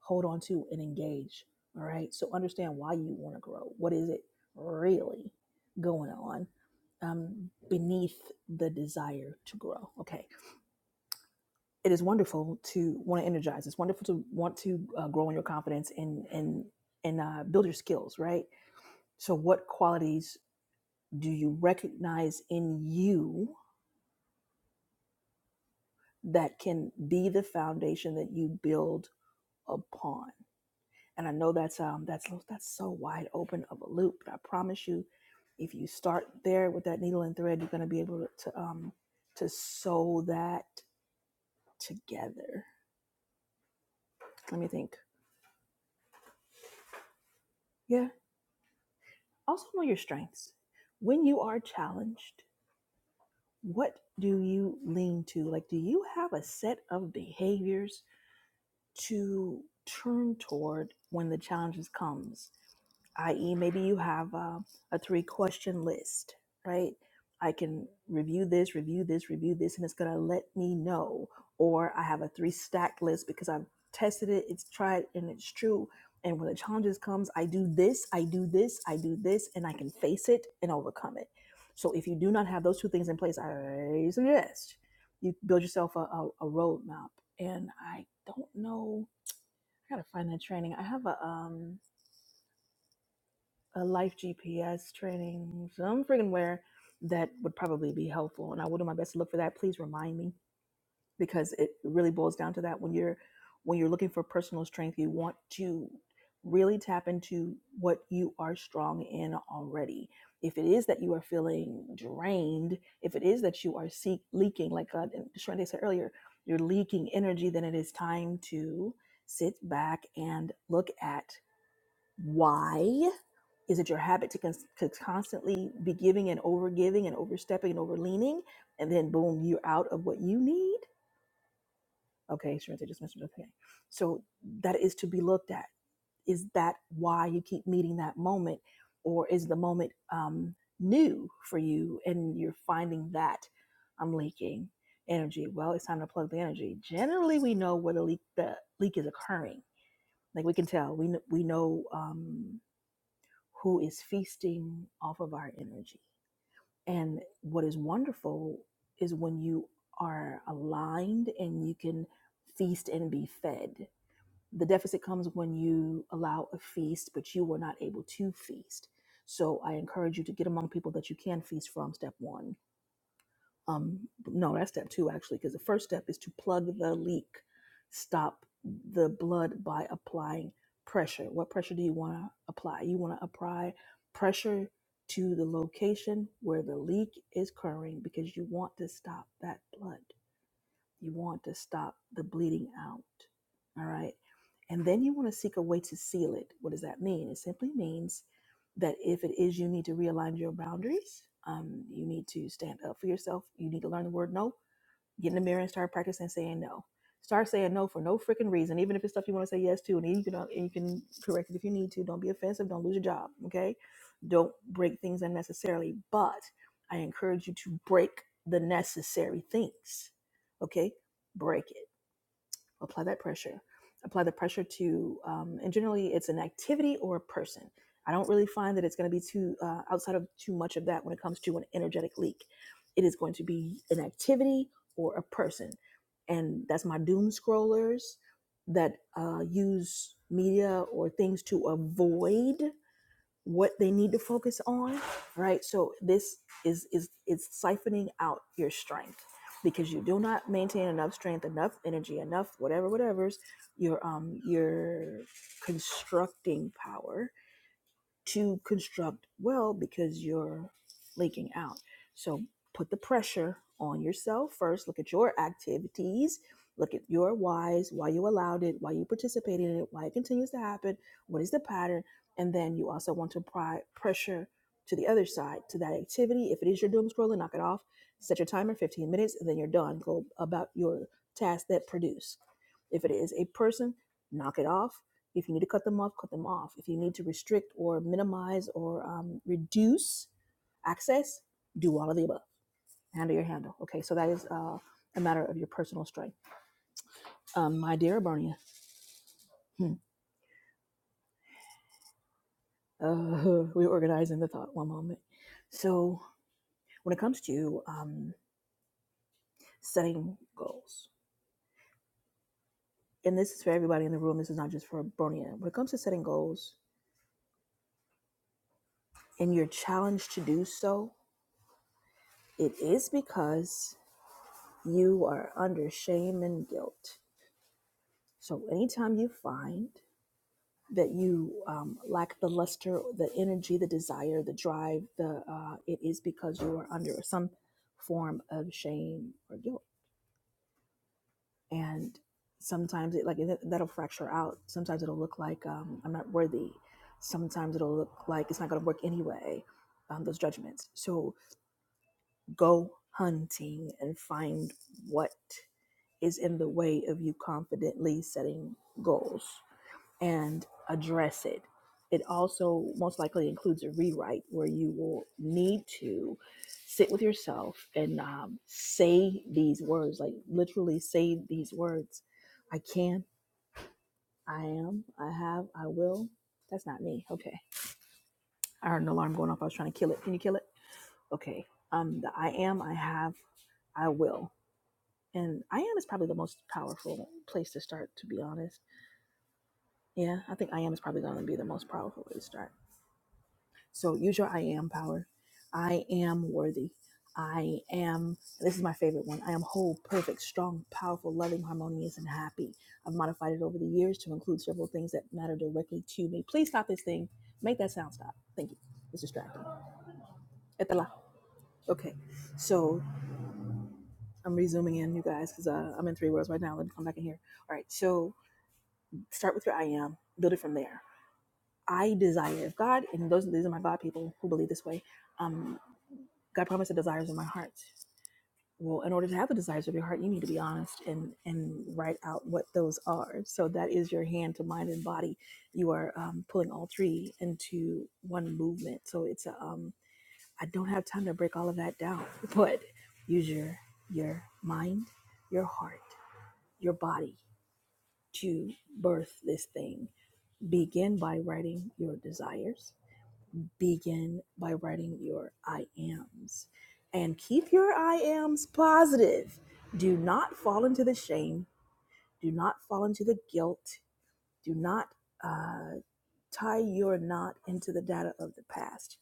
hold on to and engage all right so understand why you want to grow what is it really going on um, beneath the desire to grow okay it is wonderful to want to energize it's wonderful to want to uh, grow in your confidence and and and uh, build your skills right so what qualities do you recognize in you that can be the foundation that you build upon And I know that's um that's that's so wide open of a loop, but I promise you, if you start there with that needle and thread, you're gonna be able to, to um to sew that together. Let me think. Yeah. Also know your strengths. When you are challenged, what do you lean to? Like, do you have a set of behaviors to turn toward when the challenges comes? i.e., maybe you have uh, a three question list, right? I can review this, review this, review this, and it's going to let me know. Or I have a three stack list because I've tested it, it's tried, and it's true. And when the challenges comes, I do this, I do this, I do this, and I can face it and overcome it. So if you do not have those two things in place, I suggest you build yourself a, a, a roadmap. And I don't know, I gotta find that training. I have a um a life GPS training, some freaking where that would probably be helpful. And I will do my best to look for that. Please remind me because it really boils down to that when you're when you're looking for personal strength, you want to really tap into what you are strong in already. If it is that you are feeling drained, if it is that you are seek, leaking, like uh, Shrende said earlier, you're leaking energy, then it is time to sit back and look at why is it your habit to, cons- to constantly be giving and over giving and overstepping and over leaning? And then boom, you're out of what you need. Okay, Sharenta just mentioned okay. So that is to be looked at. Is that why you keep meeting that moment? Or is the moment um, new for you and you're finding that I'm leaking energy? Well, it's time to plug the energy. Generally, we know where the leak, the leak is occurring. Like we can tell, we, kn- we know um, who is feasting off of our energy And what is wonderful is when you are aligned and you can feast and be fed. The deficit comes when you allow a feast, but you were not able to feast. So I encourage you to get among people that you can feast from, step one um no that's step two actually because the first step is to plug the leak stop the blood by applying pressure what pressure do you want to apply you want to apply pressure to the location where the leak is occurring because you want to stop that blood you want to stop the bleeding out all right and then you want to seek a way to seal it. What does that mean? It simply means that if it is you need to realign your boundaries, um, you need to stand up for yourself. You need to learn the word no. Get in the mirror and start practicing saying no. Start saying no for no freaking reason, even if it's stuff you want to say yes to, and then you can uh, and you can correct it if you need to. Don't be offensive. Don't lose your job. Okay, don't break things unnecessarily. But I encourage you to break the necessary things. Okay, break it apply that pressure apply the pressure to um, and generally it's an activity or a person i don't really find that it's going to be too uh, outside of too much of that when it comes to an energetic leak it is going to be an activity or a person and that's my doom scrollers that uh, use media or things to avoid what they need to focus on, right? So this is is is siphoning out your strength because you do not maintain enough strength, enough energy, enough whatever, whatever's your um your constructing power to construct well because you're leaking out. So put the pressure on yourself first. Look at your activities. Look at your whys, why you allowed it, why you participated in it, why it continues to happen, what is the pattern. And then you also want to apply pressure to the other side, to that activity. If it is your doom scrolling, knock it off. Set your timer 15 minutes, and then you're done. Go about your tasks that produce. If it is a person, knock it off if you need to cut them off, cut them off. If you need to restrict or minimize or um, reduce access, do all of the above. Handle your handle. Okay, so that is uh, a matter of your personal strength. Um, my dear Barnia, hmm, uh, we're organizing the thought one moment. So when it comes to um, setting goals, and this is for everybody in the room, this is not just for Barnia. When it comes to setting goals and you're challenged to do so, it is because you are under shame and guilt So, anytime you find that you um, lack the luster, the energy, the desire, the drive, the uh, it is because you are under some form of shame or guilt, and sometimes it like that- that'll fracture out. Sometimes it'll look like um, I'm not worthy. Sometimes it'll look like it's not going to work anyway. Um, those judgments. So go hunting and find what is in the way of you confidently setting goals and address it. It also most likely includes a rewrite where you will need to sit with yourself and um, say these words, like literally say these words I can, I am, I have, I will. That's not me. Okay. I heard an alarm going off. I was trying to kill it. Can you kill it? Okay. Um, the I am, I have, I will. And I am is probably the most powerful place to start, to be honest. Yeah, I think I am is probably going to be the most powerful way to start So use your I am power. I am worthy. I am, this is my favorite one. I am whole, perfect, strong, powerful, loving, harmonious, and happy. I've modified it over the years to include several things that matter directly to me. Please stop this thing. Make that sound stop. Thank you. It's distracting. At la- Okay. So I'm resuming in, you guys, because uh, I'm in three words right now. Let me come back in here. All right. So start with your I am, build it from there. I desire, if God, and those these are my God people who believe this way. Um. God promised the desires of my heart. Well, in order to have the desires of your heart, you need to be honest and and write out what those are. So that is your hand to mind and body. You are um, pulling all three into one movement. So it's a, um, I don't have time to break all of that down, but use your your mind, your heart, your body to birth this thing. Begin by writing your desires begin by writing your I ams and keep your I ams positive. Do not fall into the shame. Do not fall into the guilt. Do not uh, tie your knot into the data of the past.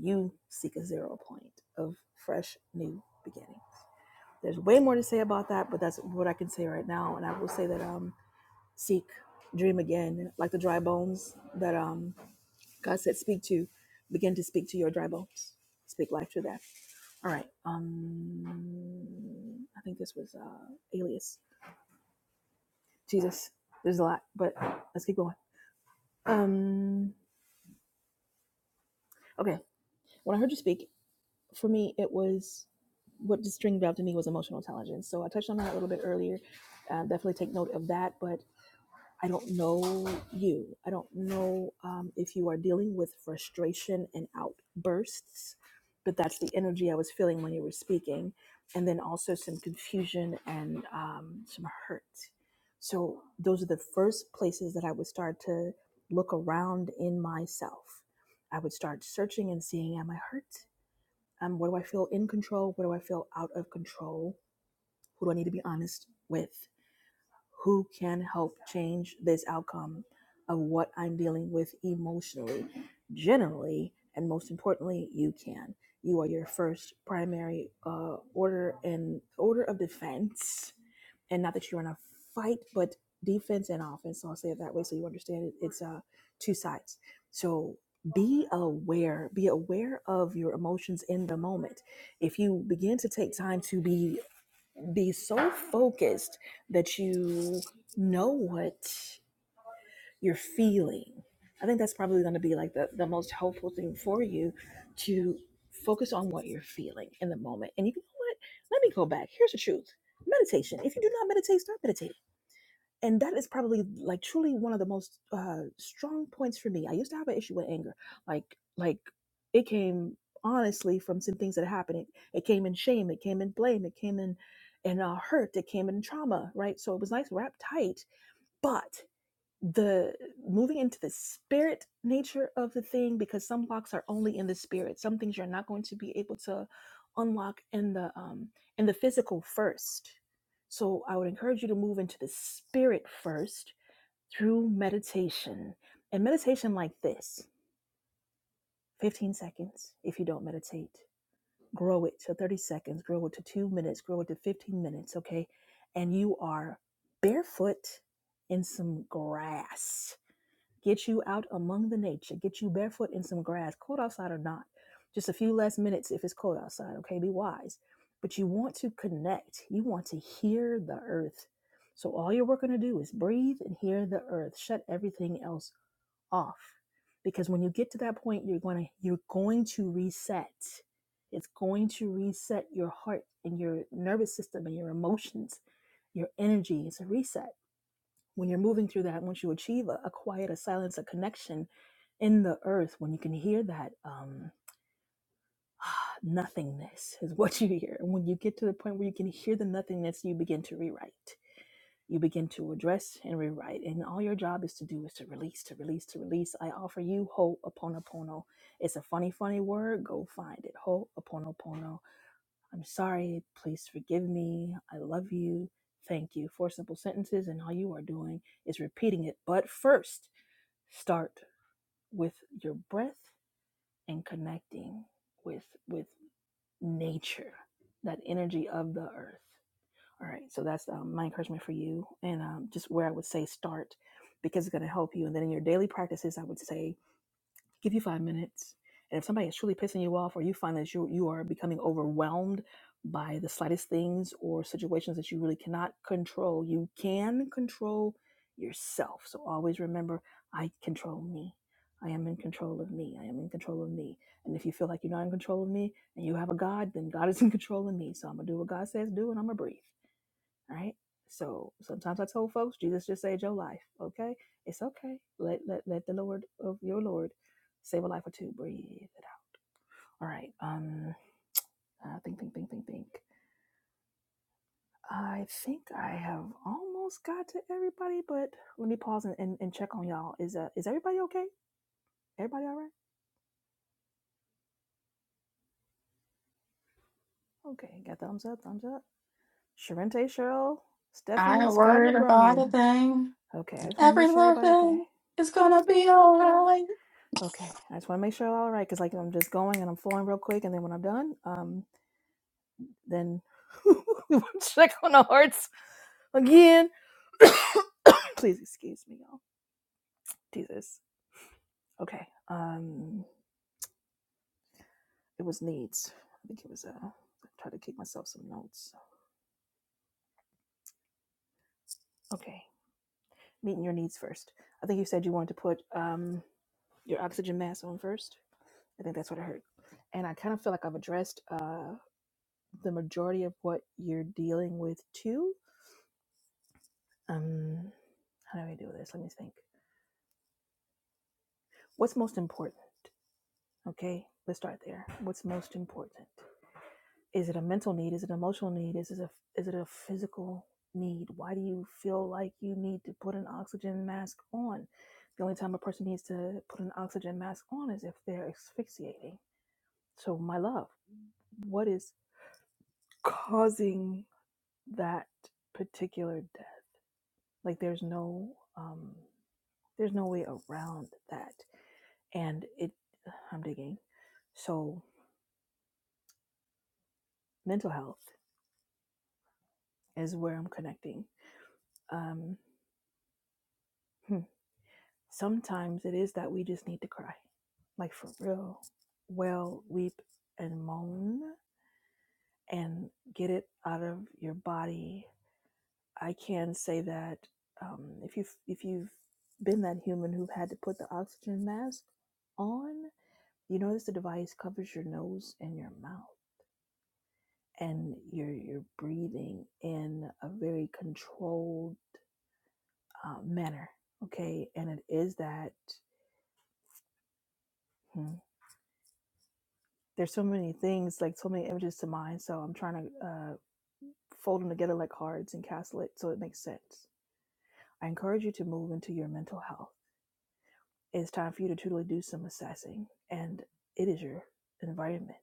You seek a zero point of fresh new beginnings. There's way more to say about that, but that's what I can say right now. And I will say that um, seek, dream again, like the dry bones that um, God said, speak to, begin to speak to your dry bones. Speak life to that. All right. Um, I think this was uh, Alias. Jesus, there's a lot, but let's keep going. Um, okay. When I heard you speak, for me, it was what just string valve to me was emotional intelligence. So I touched on that a little bit earlier. Uh, definitely take note of that. But I don't know you. I don't know um, if you are dealing with frustration and outbursts, but that's the energy I was feeling when you were speaking. And then also some confusion and um, some hurt. So, those are the first places that I would start to look around in myself. I would start searching and seeing, am I hurt? Um, what do I feel in control? What do I feel out of control? Who do I need to be honest with? who can help change this outcome of what I'm dealing with emotionally. Generally, and most importantly, you can. You are your first primary uh, order and order of defense, and not that you're in a fight, but defense and offense. So I'll say it that way so you understand it. It's uh, two sides. So be aware. Be aware of your emotions in the moment. If you begin to take time to be be so focused that you know what you're feeling. I think that's probably going to be like the, the most helpful thing for you to focus on what you're feeling in the moment. And you know what? Let me go back. Here's the truth meditation. If you do not meditate, start meditating and that is probably like truly one of the most uh strong points for me i used to have an issue with anger like like it came honestly from some things that happened it, it came in shame it came in blame it came in in uh, hurt it came in trauma right so it was nice wrapped tight but the moving into the spirit nature of the thing because some locks are only in the spirit some things you're not going to be able to unlock in the um in the physical first so i would encourage you to move into the spirit first through meditation and meditation like this 15 seconds if you don't meditate grow it to 30 seconds grow it to 2 minutes grow it to 15 minutes okay and you are barefoot in some grass Get you out among the nature. Get you barefoot in some grass, cold outside or not. Just a few last minutes if it's cold outside, okay? Be wise. But you want to connect. You want to hear the earth. So all you're working to do is breathe and hear the earth. Shut everything else off. Because when you get to that point, you're going to you're going to reset. It's going to reset your heart and your nervous system and your emotions, your energy. It's a reset when you're moving through that, once you achieve a, a quiet, a silence, a connection in the earth, when you can hear that um, nothingness is what you hear. And when you get to the point where you can hear the nothingness, you begin to rewrite. You begin to address and rewrite. And all your job is to do is to release, to release, to release. I offer you Ho'oponopono. It's a funny, funny word. Go find it. Ho'oponopono I'm sorry. Please forgive me. I love you. Thank you. Four simple sentences, and all you are doing is repeating it. But first, start with your breath and connecting with with nature, that energy of the earth. All right. So that's um, my encouragement for you, and um, just where I would say start, because it's going to help you. And then in your daily practices, I would say give you five minutes. And if somebody is truly pissing you off, or you find that you you are becoming overwhelmed by the slightest things or situations that you really cannot control, you can control yourself. So always remember, I control me. I am in control of me. I am in control of me. And if you feel like you're not in control of me, and you have a God, then God is in control of me. So I'm gonna do what God says do, and I'm gonna breathe. All right? So sometimes I told folks, Jesus just saved your life. Okay, it's okay. Let let let the Lord of your Lord save a life or two. Breathe it out. All right. Um, uh, think, think, think, think, think. I think I have almost got to everybody, but let me pause and, and, and check on y'all. Is uh is everybody okay? Everybody all right? Okay, got thumbs up, thumbs up. Sharente, Cheryl, Stephanie, I Scott, worried and about a Abronia. thing. Okay, I just want to make Every sure little everybody okay. thing is gonna Gonna be be alright. alright. Okay, I just want to make sure all right because like I'm just going and I'm flowing real quick, and then when I'm done, um, then we will check on the hearts again. Please excuse me, y'all. Jesus. Okay. Um, it was needs. I think it was. Uh, try to keep myself some notes. Okay, meeting your needs first. I think you said you wanted to put um your oxygen mask on first. I think that's what I heard, and I kind of feel like I've addressed uh the majority of what you're dealing with too. Um, How do I do this? Let me think. What's most important? Okay, let's start there. What's most important? Is it a mental need? Is it an emotional need? Is it a is it a physical need? Why do you feel like you need to put an oxygen mask on? The only time a person needs to put an oxygen mask on is if they're asphyxiating. So, my love, what is causing that particular death? Like, there's no um, there's no way around that. and it i'm digging so mental health is where i'm connecting um hmm, sometimes it is that we just need to cry like for real well weep and moan and get it out of your body i can say that um, if you've if you've been that human who had to put the oxygen mask on you notice the device covers your nose and your mouth and you're you're breathing in a very controlled uh, manner okay and it is that hmm, there's so many things like so many images to mind so i'm trying to uh, fold them together like cards and castle it so it makes sense i encourage you to move into your mental health it's time for you to truly do some assessing and it is your environment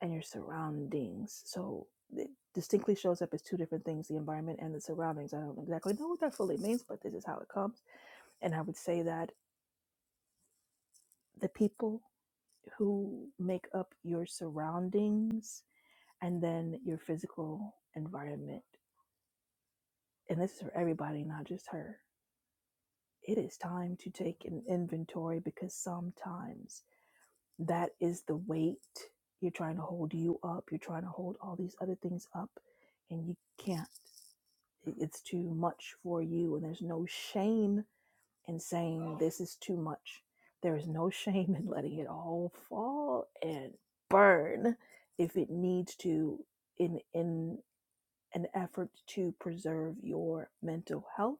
and your surroundings so it distinctly shows up as two different things the environment and the surroundings i don't exactly know what that fully means but this is how it comes And I would say that the people who make up your surroundings and then your physical environment, and this is for everybody, not just her, it is time to take an inventory because sometimes that is the weight you're trying to hold you up, you're trying to hold all these other things up, and you can't. It's too much for you, and there's no shame and saying, This is too much. There is no shame in letting it all fall and burn if it needs to in in an effort to preserve your mental health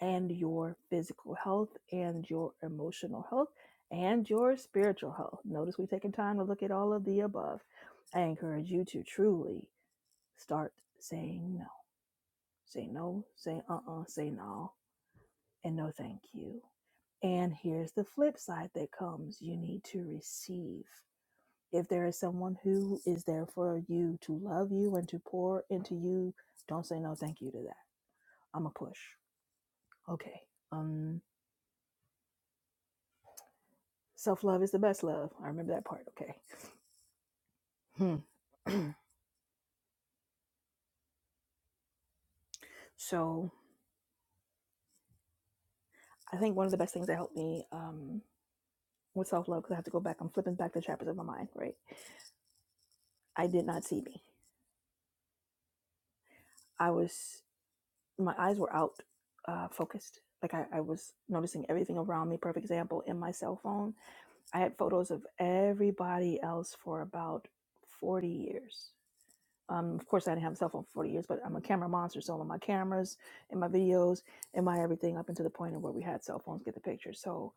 and your physical health and your emotional health and your spiritual health. Notice we've taken time to look at all of the above. I encourage you to truly start saying no. Say no, say uh uh say no, and no thank you and here's the flip side that comes you need to receive. If there is someone who is there for you to love you and to pour into you, don't say no thank you to that. I'm a push. Okay. Um self love is the best love. I remember that part. Okay. Hmm. so I think one of the best things that helped me um with self love because I have to go back. I'm flipping back the chapters of my mind, right? I did not see me. I was my eyes were out uh, focused. Like I, I was noticing everything around me. Perfect example in my cell phone, I had photos of everybody else for about 40 years. Um, of course, I didn't have a cell phone for 40 years, but I'm a camera monster. So, on my cameras, in my videos, in my everything, up until the point of where we had cell phones, get the picture. So,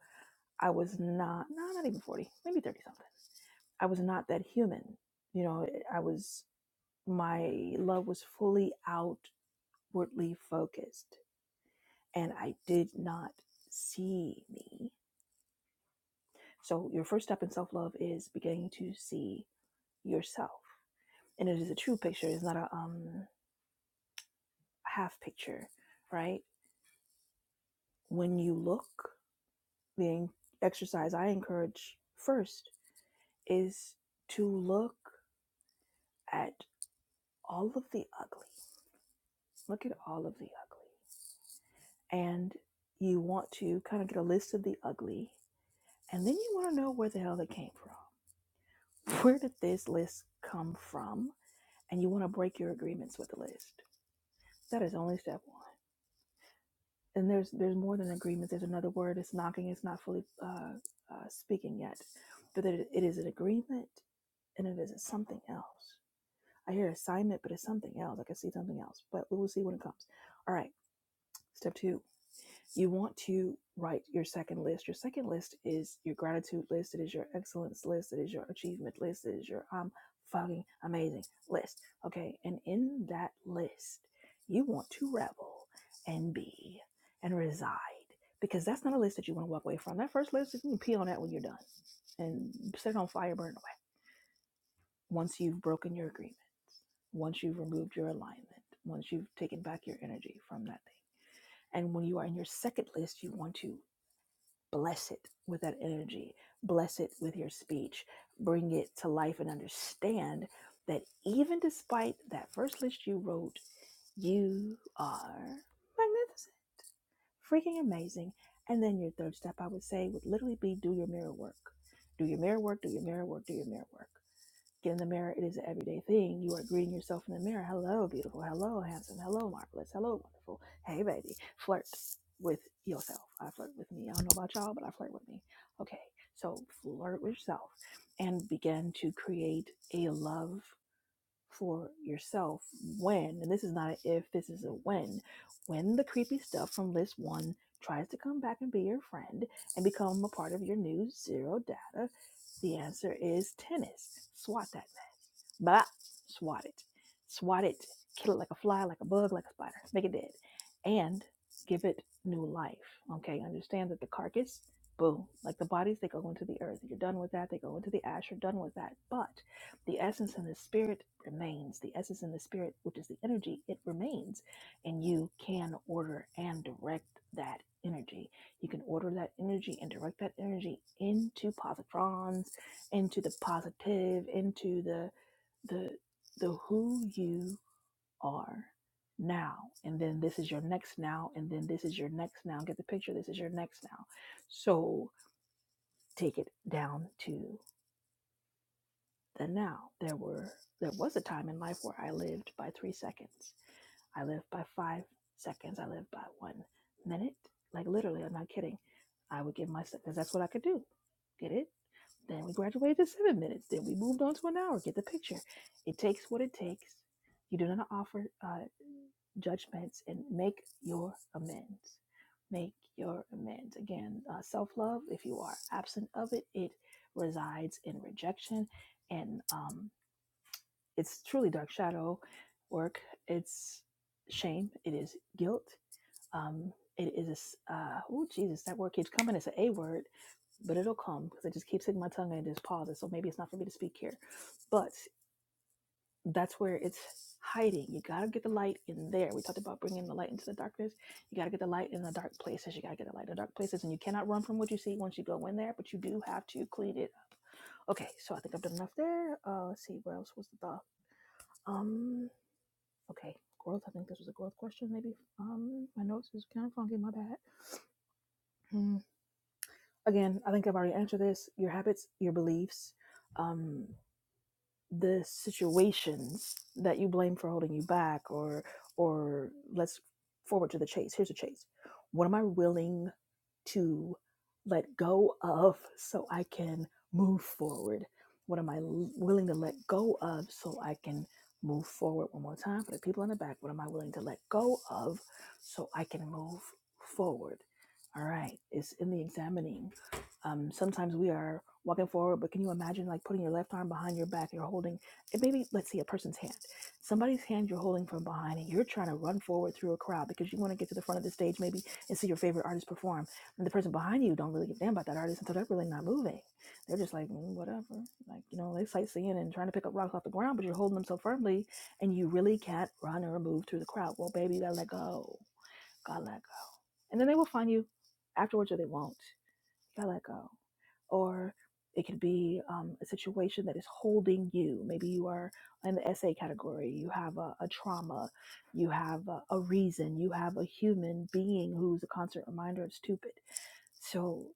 I was not, no, not even 40, maybe 30 something. I was not that human. You know, I was, my love was fully outwardly focused and I did not see me. So, your first step in self love is beginning to see yourself. And it is a true picture, it's not a um, half picture, right? When you look, the exercise I encourage first is to look at all of the ugly. Look at all of the ugly. And you want to kind of get a list of the ugly, and then you want to know where the hell they came from. Where did this list come from? and you want to break your agreements with the list. That is only step one. And there's there's more than agreements. There's another word. It's knocking. It's not fully uh, uh, speaking yet, but it, it is an agreement and it is something else. I hear assignment, but it's something else. I can see something else, but we will see when it comes. All right. Step two. You want to write your second list. Your second list is your gratitude list. It is your excellence list. It is your achievement list. It is your um fucking amazing list. Okay, and in that list, you want to revel and be and reside because that's not a list that you want to walk away from. That first list, you can pee on that when you're done and set it on fire, burn it away. Once you've broken your agreement, once you've removed your alignment, once you've taken back your energy from that thing. And when you are in your second list, you want to Bless it with that energy. Bless it with your speech. Bring it to life and understand that even despite that first list you wrote, you are magnificent, freaking amazing. And then your third step, I would say, would literally be do your mirror work. Do your mirror work, do your mirror work, do your mirror work. Get in the mirror. It is an everyday thing. You are greeting yourself in the mirror. Hello, beautiful. Hello, handsome. Hello, marvelous. Hello, wonderful. Hey, baby. Flirt with yourself. I flirt with me. I don't know about y'all, but I flirt with me. Okay. So flirt with yourself and begin to create a love for yourself when, and this is not an if, this is a when, when the creepy stuff from list one tries to come back and be your friend and become a part of your new zero data, the answer is tennis. Swat that Blah. Swat it. Swat it. Kill it like a fly, like a bug, like a spider. Make it dead. And give it new life. Okay. Understand that the carcass, boom, like the bodies, they go into the earth. You're done with that. They go into the ash. You're done with that. But the essence and the spirit remains. The essence and the spirit, which is the energy, it remains. And you can order and direct that energy. You can order that energy and direct that energy into positrons, into the positive, into the the the who you are now and then this is your next now and then this is your next now get the picture this is your next now so take it down to the now there were there was a time in life where i lived by 3 seconds i lived by 5 seconds i lived by 1 minute like literally i'm not kidding i would give myself cuz that's what i could do get it then we graduated to 7 minutes then we moved on to an hour get the picture it takes what it takes you do not offer. uh. judgments and make your amends. Make your amends. Again, uh, self love, if you are absent of it, it resides in rejection. And um, it's truly dark shadow work. It's shame. It is guilt. Um, it is, uh, oh, Jesus, that word keeps coming. It's an A word, but it'll come because it just keeps hitting my tongue and it just pauses. So maybe it's not for me to speak here. but that's where it's hiding. You got to get the light in there. We talked about bringing the light into the darkness. You got to get the light in the dark places. You got to get the light in the dark places. And you cannot run from what you see once you go in there, but you do have to clean it. Okay, so I think I've done enough there. Uh, let's see, what else was the thought? Um, okay, growth. I think this was a growth question, maybe. Um, my notes is kind of funky, my bad. Hmm, Again, I think I've already answered this. Your habits, your beliefs. um. the situations that you blame for holding you back or or let's forward to the chase here's a chase what am i willing to let go of so i can move forward what am i l- willing to let go of so i can move forward one more time for the people in the back what am i willing to let go of so i can move forward all right it's in the examining um, sometimes we are walking forward but can you imagine like putting your left arm behind your back you're holding and maybe let's see a person's hand somebody's hand you're holding from behind and you're trying to run forward through a crowd because you want to get to the front of the stage maybe and see your favorite artist perform and the person behind you don't really give a damn about that artist until they're really not moving they're just like "Mm, whatever like you know they sightseeing and trying to pick up rocks off the ground but you're holding them so firmly and you really can't run or move through the crowd well baby you gotta let go gotta let go and then they will find you afterwards or they won't you gotta let go or it could be um, a situation that is holding you. Maybe you are in the SA category, you have a, a trauma, you have a, a reason, you have a human being who's a constant reminder of stupid. So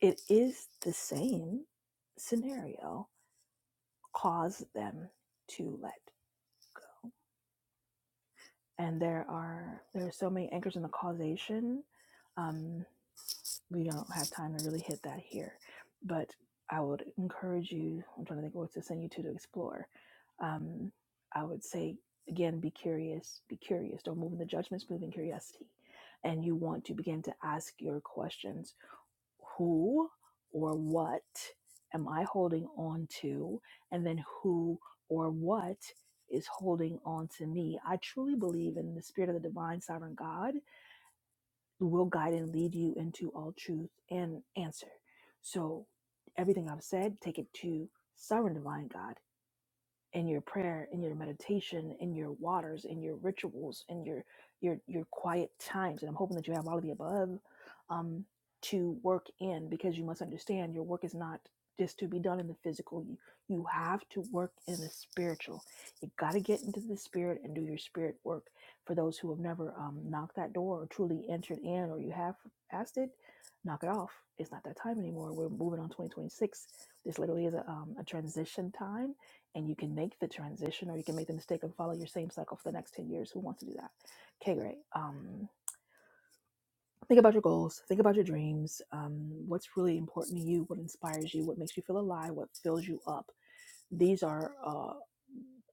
it is the same scenario. Cause them to let go. And there are there are so many anchors in the causation. Um, we don't have time to really hit that here. But I would encourage you, I'm trying to think of what to send you to to explore. Um, I would say, again, be curious, be curious. Don't move in the judgments, move in curiosity. And you want to begin to ask your questions who or what am I holding on to? And then who or what is holding on to me? I truly believe in the spirit of the divine sovereign God will guide and lead you into all truth and answer. So everything I've said, take it to sovereign divine God in your prayer in your meditation in your waters in your rituals in your your your quiet times and i'm hoping that you have all of the above um to work in because you must understand your work is not just to be done in the physical you, you have to work in the spiritual you got to get into the spirit and do your spirit work for those who have never um, knocked that door or truly entered in or you have asked it knock it off it's not that time anymore we're moving on 2026 this literally is a, um, a transition time and you can make the transition or you can make the mistake and follow your same cycle for the next 10 years who wants to do that okay great um, think about your goals think about your dreams um, what's really important to you what inspires you what makes you feel alive what fills you up these are uh,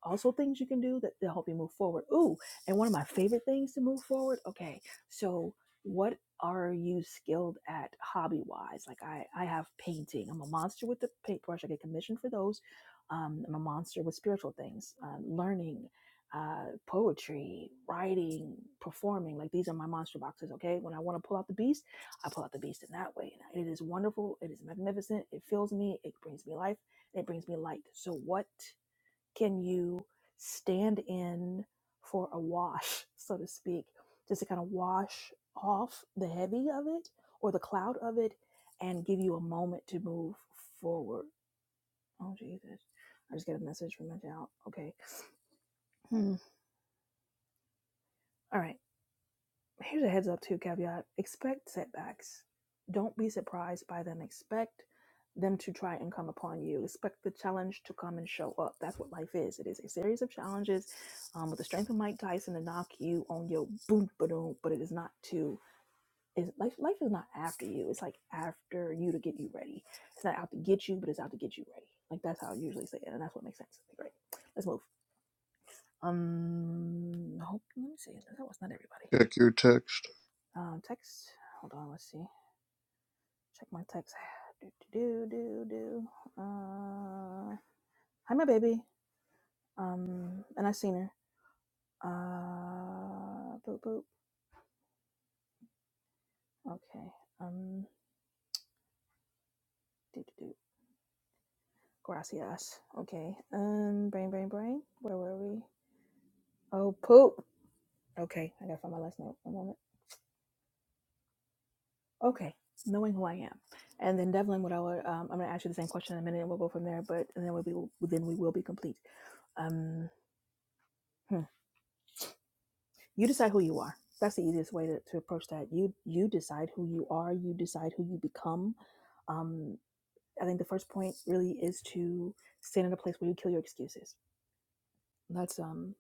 also things you can do that to help you move forward. Ooh, and one of my favorite things to move forward. Okay, so what are you skilled at hobby wise? Like I, I have painting. I'm a monster with the paintbrush. I get commissioned for those. Um, I'm a monster with spiritual things, uh, learning, uh, poetry, writing, performing. Like these are my monster boxes. Okay, when I want to pull out the beast, I pull out the beast in that way. And it is wonderful. It is magnificent. It fills me. It brings me life and it brings me light. So, what can you stand in for a wash, so to speak, just to kind of wash off the heavy of it or the cloud of it and give you a moment to move forward? Oh, Jesus. I just got a message from my child. Okay. Hmm. All right. here's a heads up too caveat expect setbacks don't be surprised by them expect them to try and come upon you expect the challenge to come and show up that's what life is it is a series of challenges um, with the strength of mike tyson to knock you on your boom boom but it is not to is life life is not after you it's like after you to get you ready it's not out to get you but it's out to get you ready like that's how i usually say it and that's what makes sense Okay, great let's move um hope let me see that was not everybody Check your text. um, text. Hold on. Let's see. Check my text. Do do do do do. Uh, hi, my baby. Um, and I seen her. Uh, boop boop. Okay. Um, do do do. Gracias. Okay. Um, brain, brain, brain. Where were we? Oh, poop. Okay. I gotta find my last note. One moment. Okay. Knowing who I am, and then Devlin, what I would, um, I'm gonna ask you the same question in a minute, and we'll go from there. But and then we'll be, then we will be complete. Um. hmm. you decide who you are that's the easiest way to, to approach that you you decide who you are you decide who you become um i think the first point really is to stand in a place where you kill your excuses that's um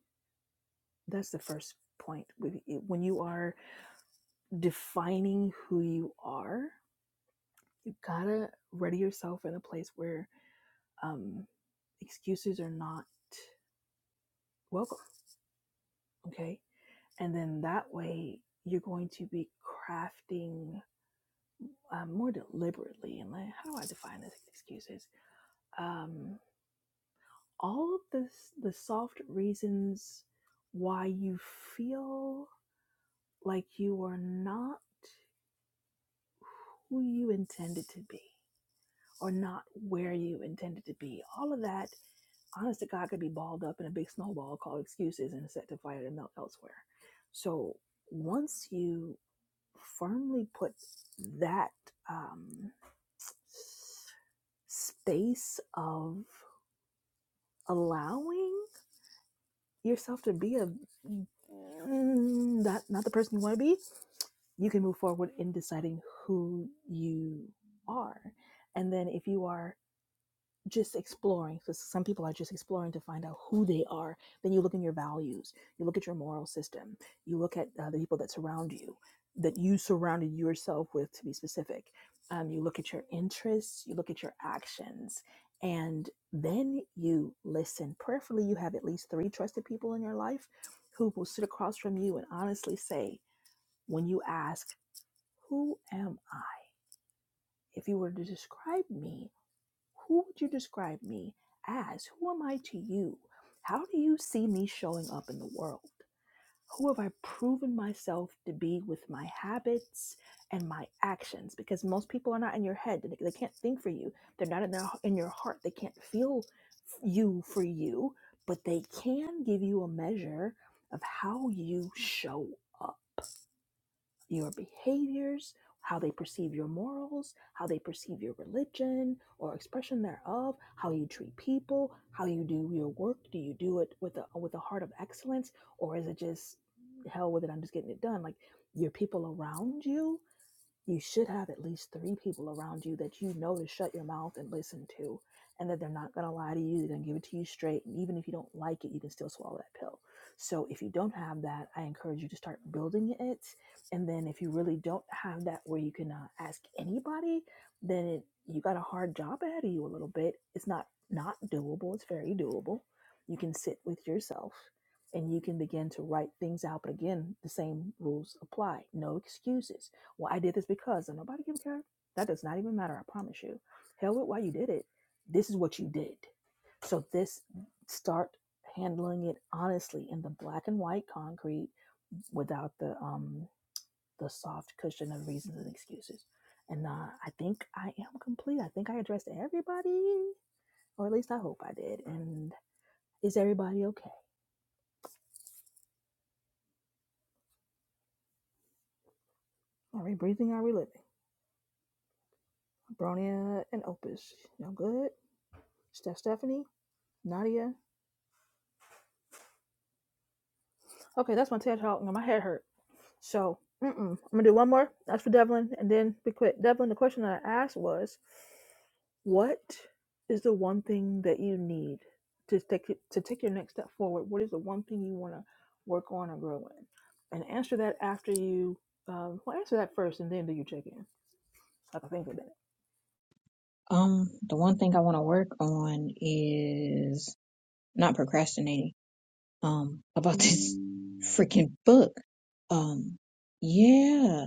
that's the first point When you when you are defining who you are you gotta ready yourself in a place where um excuses are not welcome okay and then that way you're going to be crafting uh, more deliberately, and like, how do I define this excuses? Um, all of this, the soft reasons why you feel like you are not who you intended to be or not where you intended to be. All of that, honest to God, could be balled up in a big snowball called excuses and set to fire and melt elsewhere. So once you firmly put that um, space of allowing yourself to be a mm, mm, that not the person you want to be, you can move forward in deciding who you are. And then if you are just exploring because some people are just exploring to find out who they are then you look in your values you look at your moral system you look at uh, the people that surround you that you surrounded yourself with to be specific um, you look at your interests you look at your actions and then you listen prayerfully you have at least three trusted people in your life who will sit across from you and honestly say when you ask who am i if you were to describe me who would you describe me as? Who am I to you? How do you see me showing up in the world? Who have I proven myself to be with my habits and my actions? Because most people are not in your head. They they can't think for you. They're not in, their, in your heart. They can't feel you for you, but they can give you a measure of how you show up your behaviors, how they perceive your morals, how they perceive your religion or expression thereof, how you treat people, how you do your work. Do you do it with a with a heart of excellence, or is it just hell with it? I'm just getting it done. Like your people around you, you should have at least three people around you that you know to shut your mouth and listen to, and that they're not going to lie to you. They're going to give it to you straight. And even if you don't like it, you can still swallow that pill. So if you don't have that, I encourage you to start building it. And then if you really don't have that where you can uh, ask anybody, then it, you got a hard job ahead of you a little bit. It's not not doable, it's very doable. You can sit with yourself and you can begin to write things out. But again, the same rules apply. No excuses well, I did this because, and nobody give a care. That does not even matter. I promise you. Hell with why you did it. This is what you did. So this start handling it honestly in the black and white concrete without the um the soft cushion of reasons and excuses. And uh, I think I am complete. I think I addressed everybody, or at least I hope I did. And is everybody okay? Are we breathing? Are we living? Bronia and Opus, y'all good? Steph, Stephanie, Nadia, Okay, that's my TED talk. Now my head hurt. So, mm-mm. I'm gonna do one more. That's for Devlin, and then we quit. Devlin, the question that I asked was, what is the one thing that you need to take it- to take your next step forward? What is the one thing you want to work on or grow in? And answer that after you. Um, well, answer that first, and then do your check in? So I can think of that. Um, the one thing I want to work on is not procrastinating. Um, about this freaking book. Um, yeah.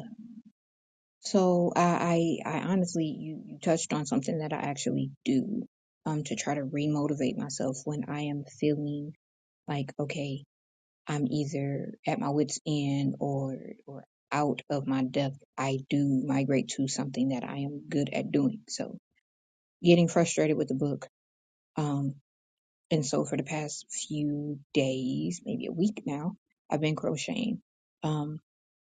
So I, I, I honestly, you, you touched on something that I actually do. Um, to try to remotivate myself when I am feeling like, okay, I'm either at my wit's end or, or out of my depth. I do migrate to something that I am good at doing. So getting frustrated with the book. Um. And so for the past few days, maybe a week now, I've been crocheting. Um,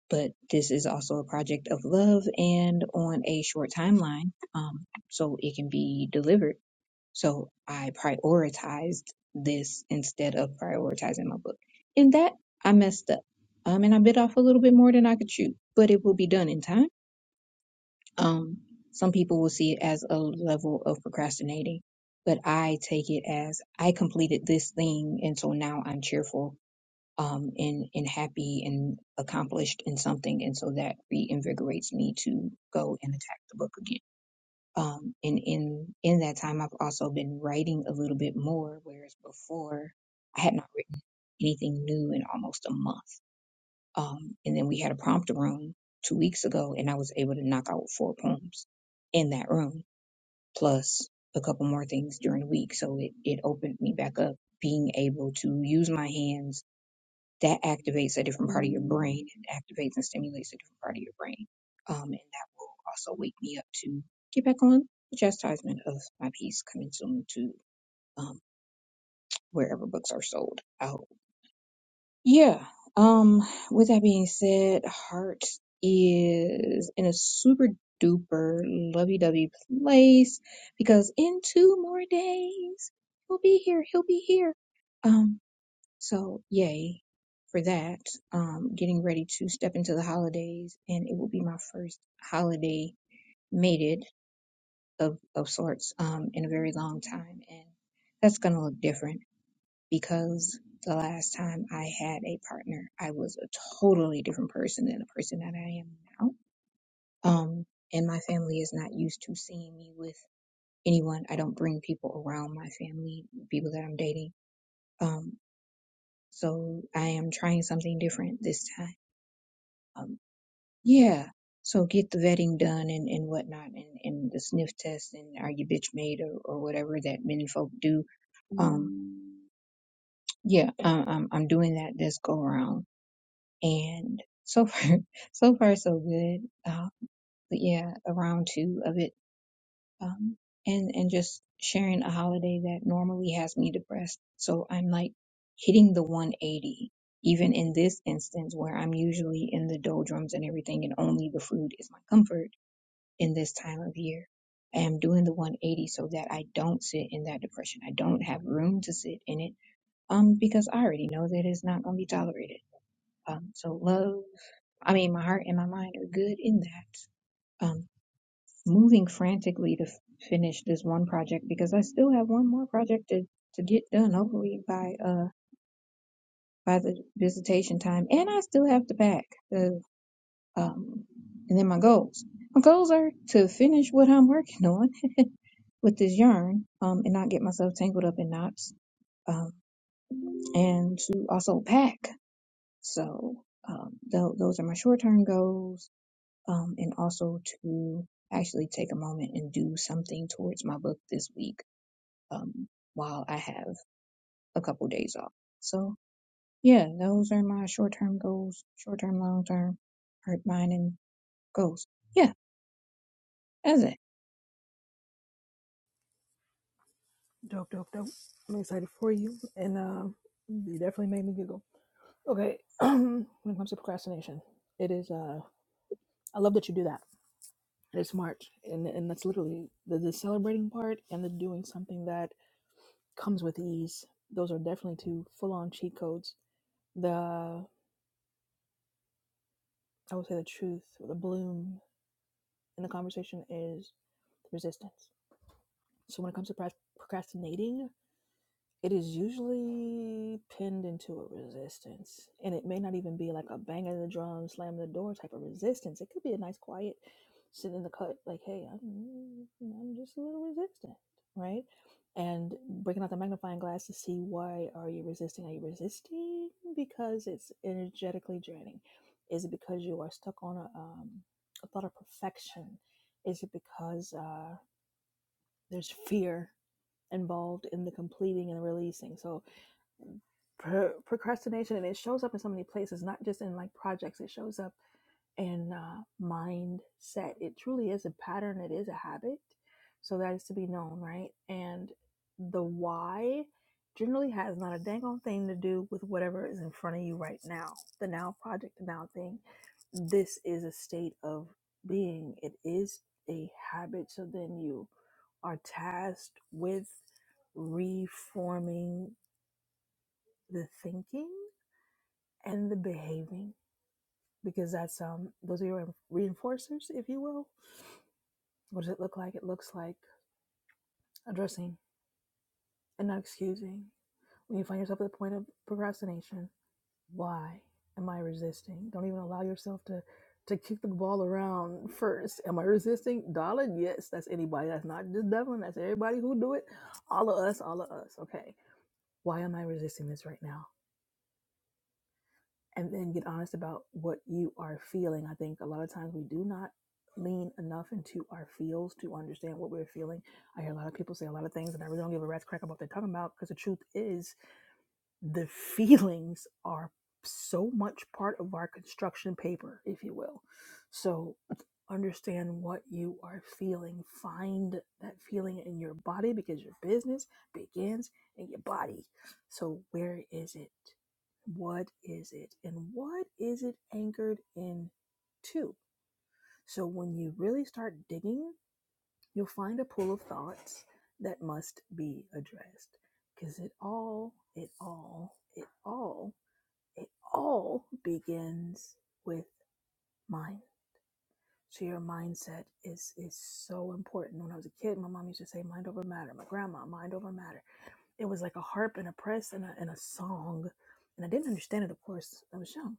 but this is also a project of love and on a short timeline, um, so it can be delivered. So I prioritized this instead of prioritizing my book. In that, I messed up. Um, and I bit off a little bit more than I could chew, but it will be done in time um, some people will see it as a level of procrastinating, but I take it as I completed this thing, and so now I'm cheerful, um, and and happy and accomplished in something, and so that reinvigorates me to go and attack the book again. Um, and in in that time, I've also been writing a little bit more, whereas before I had not written anything new in almost a month. Um, and then we had a prompter room two weeks ago, and I was able to knock out four poems in that room, plus a couple more things during the week. So it, it opened me back up. Being able to use my hands, that activates a different part of your brain and activates and stimulates a different part of your brain. Um, and that will also wake me up to get back on the chastisement of my piece coming soon to um, wherever books are sold. Yeah. Um, with that being said, Heart is in a super duper lovey dovey place because in two more days he'll be here. He'll be here. Um, so yay for that. Um, getting ready to step into the holidays and it will be my first holiday mated of, of sorts, um, in a very long time. And that's gonna look different because the last time I had a partner, I was a totally different person than the person that I am now. Um, and my family is not used to seeing me with anyone. I don't bring people around my family, people that I'm dating. Um, so I am trying something different this time. Um, yeah. So get the vetting done and, and whatnot and, and the sniff test and are you bitch made or, or whatever that many folk do. Um, yeah, I'm, I'm, I'm doing that this go around. and so far, so far so good. Uh, but yeah, around two of it, um, and and just sharing a holiday that normally has me depressed. So I'm like hitting the 180, even in this instance where I'm usually in the doldrums and everything, and only the food is my comfort in this time of year. I am doing the 180 so that I don't sit in that depression. I don't have room to sit in it, um, because I already know that it's not going to be tolerated. Um, so love I mean, my heart and my mind are good in that. Um, moving frantically to f- finish this one project because I still have one more project to, to get done, hopefully by uh by the visitation time, and I still have to pack the um and then my goals. My goals are to finish what I'm working on with this yarn, um, and not get myself tangled up in knots, um, and to also pack. So um, tho- those are my short term goals um, and also to actually take a moment and do something towards my book this week um, while I have a couple days off. So, yeah, those are my short term goals, short term, long term, heart, mind, and goals. Yeah, that's it. Dope, dope, dope. I'm excited for you, and um, you definitely made me giggle. Okay, when it comes to procrastination, it is. Uh, I love that you do that and it's March, and and that's literally the, the celebrating part and the doing something that comes with ease. Those are definitely two full-on cheat codes. The I would say the truth, the bloom in the conversation is resistance. So when it comes to prac- procrastinating, It is usually pinned into a resistance, and it may not even be like a bang of the drum, slam the door type of resistance. It could be a nice, quiet, sit in the cut, like, hey, I'm, I'm just a little resistant, right? And breaking out the magnifying glass to see why are you resisting? Are you resisting because it's energetically draining? Is it because you are stuck on a, um, a thought of perfection? Is it because uh, there's fear involved in the completing and the releasing? So pro- procrastination and it shows up in so many places not just in like projects it shows up in uh, mindset it truly is a pattern it is a habit so that is to be known right and the why generally has not a dang on thing to do with whatever is in front of you right now the now project the now thing this is a state of being it is a habit so then you are tasked with reforming the thinking and the behaving because that's um those are your reinforcers if you will what does it look like it looks like addressing and not excusing when you find yourself at the point of procrastination why am i resisting don't even allow yourself to to kick the ball around first am i resisting darling yes that's anybody that's not just devlin that's everybody who do it all of us all of us okay why am i resisting this right now and then get honest about what you are feeling. I think a lot of times we do not lean enough into our feels to understand what we're feeling. I hear a lot of people say a lot of things, and I really don't give a rat's crack about what they're talking about because the truth is the feelings are so much part of our construction paper, if you will. So understand what you are feeling. Find that feeling in your body because your business begins in your body. So where is it? What is it? And what is it anchored in to? So when you really start digging You'll find a pool of thoughts that must be addressed because it all, it all, it all, it all begins with mind. So your mindset is is so important. When I was a kid, my mom used to say mind over matter. My grandma, mind over matter. It was like a harp and a press and a, and a song. And I didn't understand it, of course. I was young.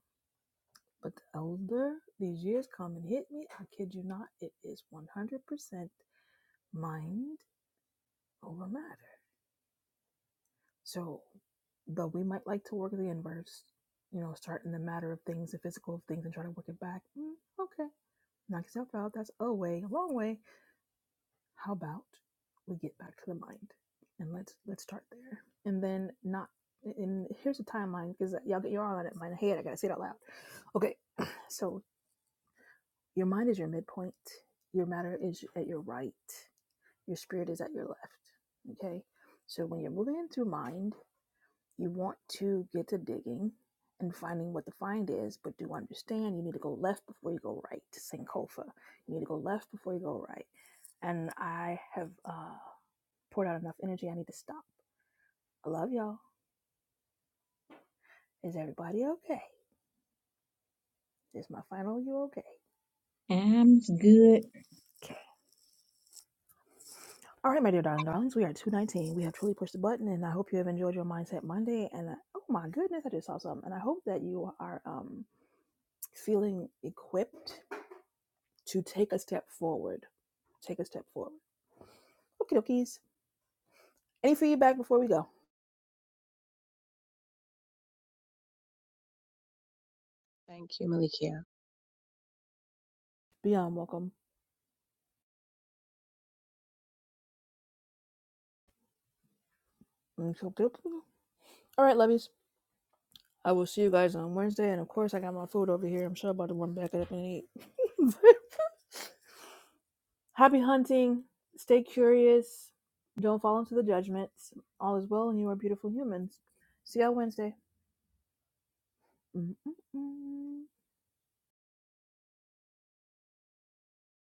But the older these years come and hit me, I kid you not, it is 100% mind over matter. So, though we might like to work the inverse, you know, start in the matter of things the physical of things and try to work it back. Mm, okay, knock yourself out. That's a way, a long way. How about we get back to the mind and let's let's start there. And then not. And here's the timeline because y'all get your all on it. My head, I gotta say it out loud. Okay, so your mind is your midpoint. Your matter is at your right. Your spirit is at your left. Okay, so when you're moving into mind You want to get to digging and finding what the find is, but do understand you need to go left before you go right to Sankofa. You need to go left before you go right. And I have uh, poured out enough energy. I need to stop. I love y'all. Is everybody okay? Is my final you okay? I'm good. Okay. All right, my dear darling darlings, we are 219. We have truly pushed the button, and I hope you have enjoyed your Mindset Monday. And uh, oh my goodness, I just saw something. And I hope that you are um, feeling equipped to take a step forward. Take a step forward. Okie dokies. Any feedback before we go? Thank you, Malikia. Beyond welcome. All right, lovies. I will see you guys on Wednesday. And of course, I got my food over here. I'm sure I'm about to run back it up and eat. Happy hunting. Stay curious. Don't fall into the judgments. All is well, and you are beautiful humans. See y'all Wednesday. Mm-mm-mm.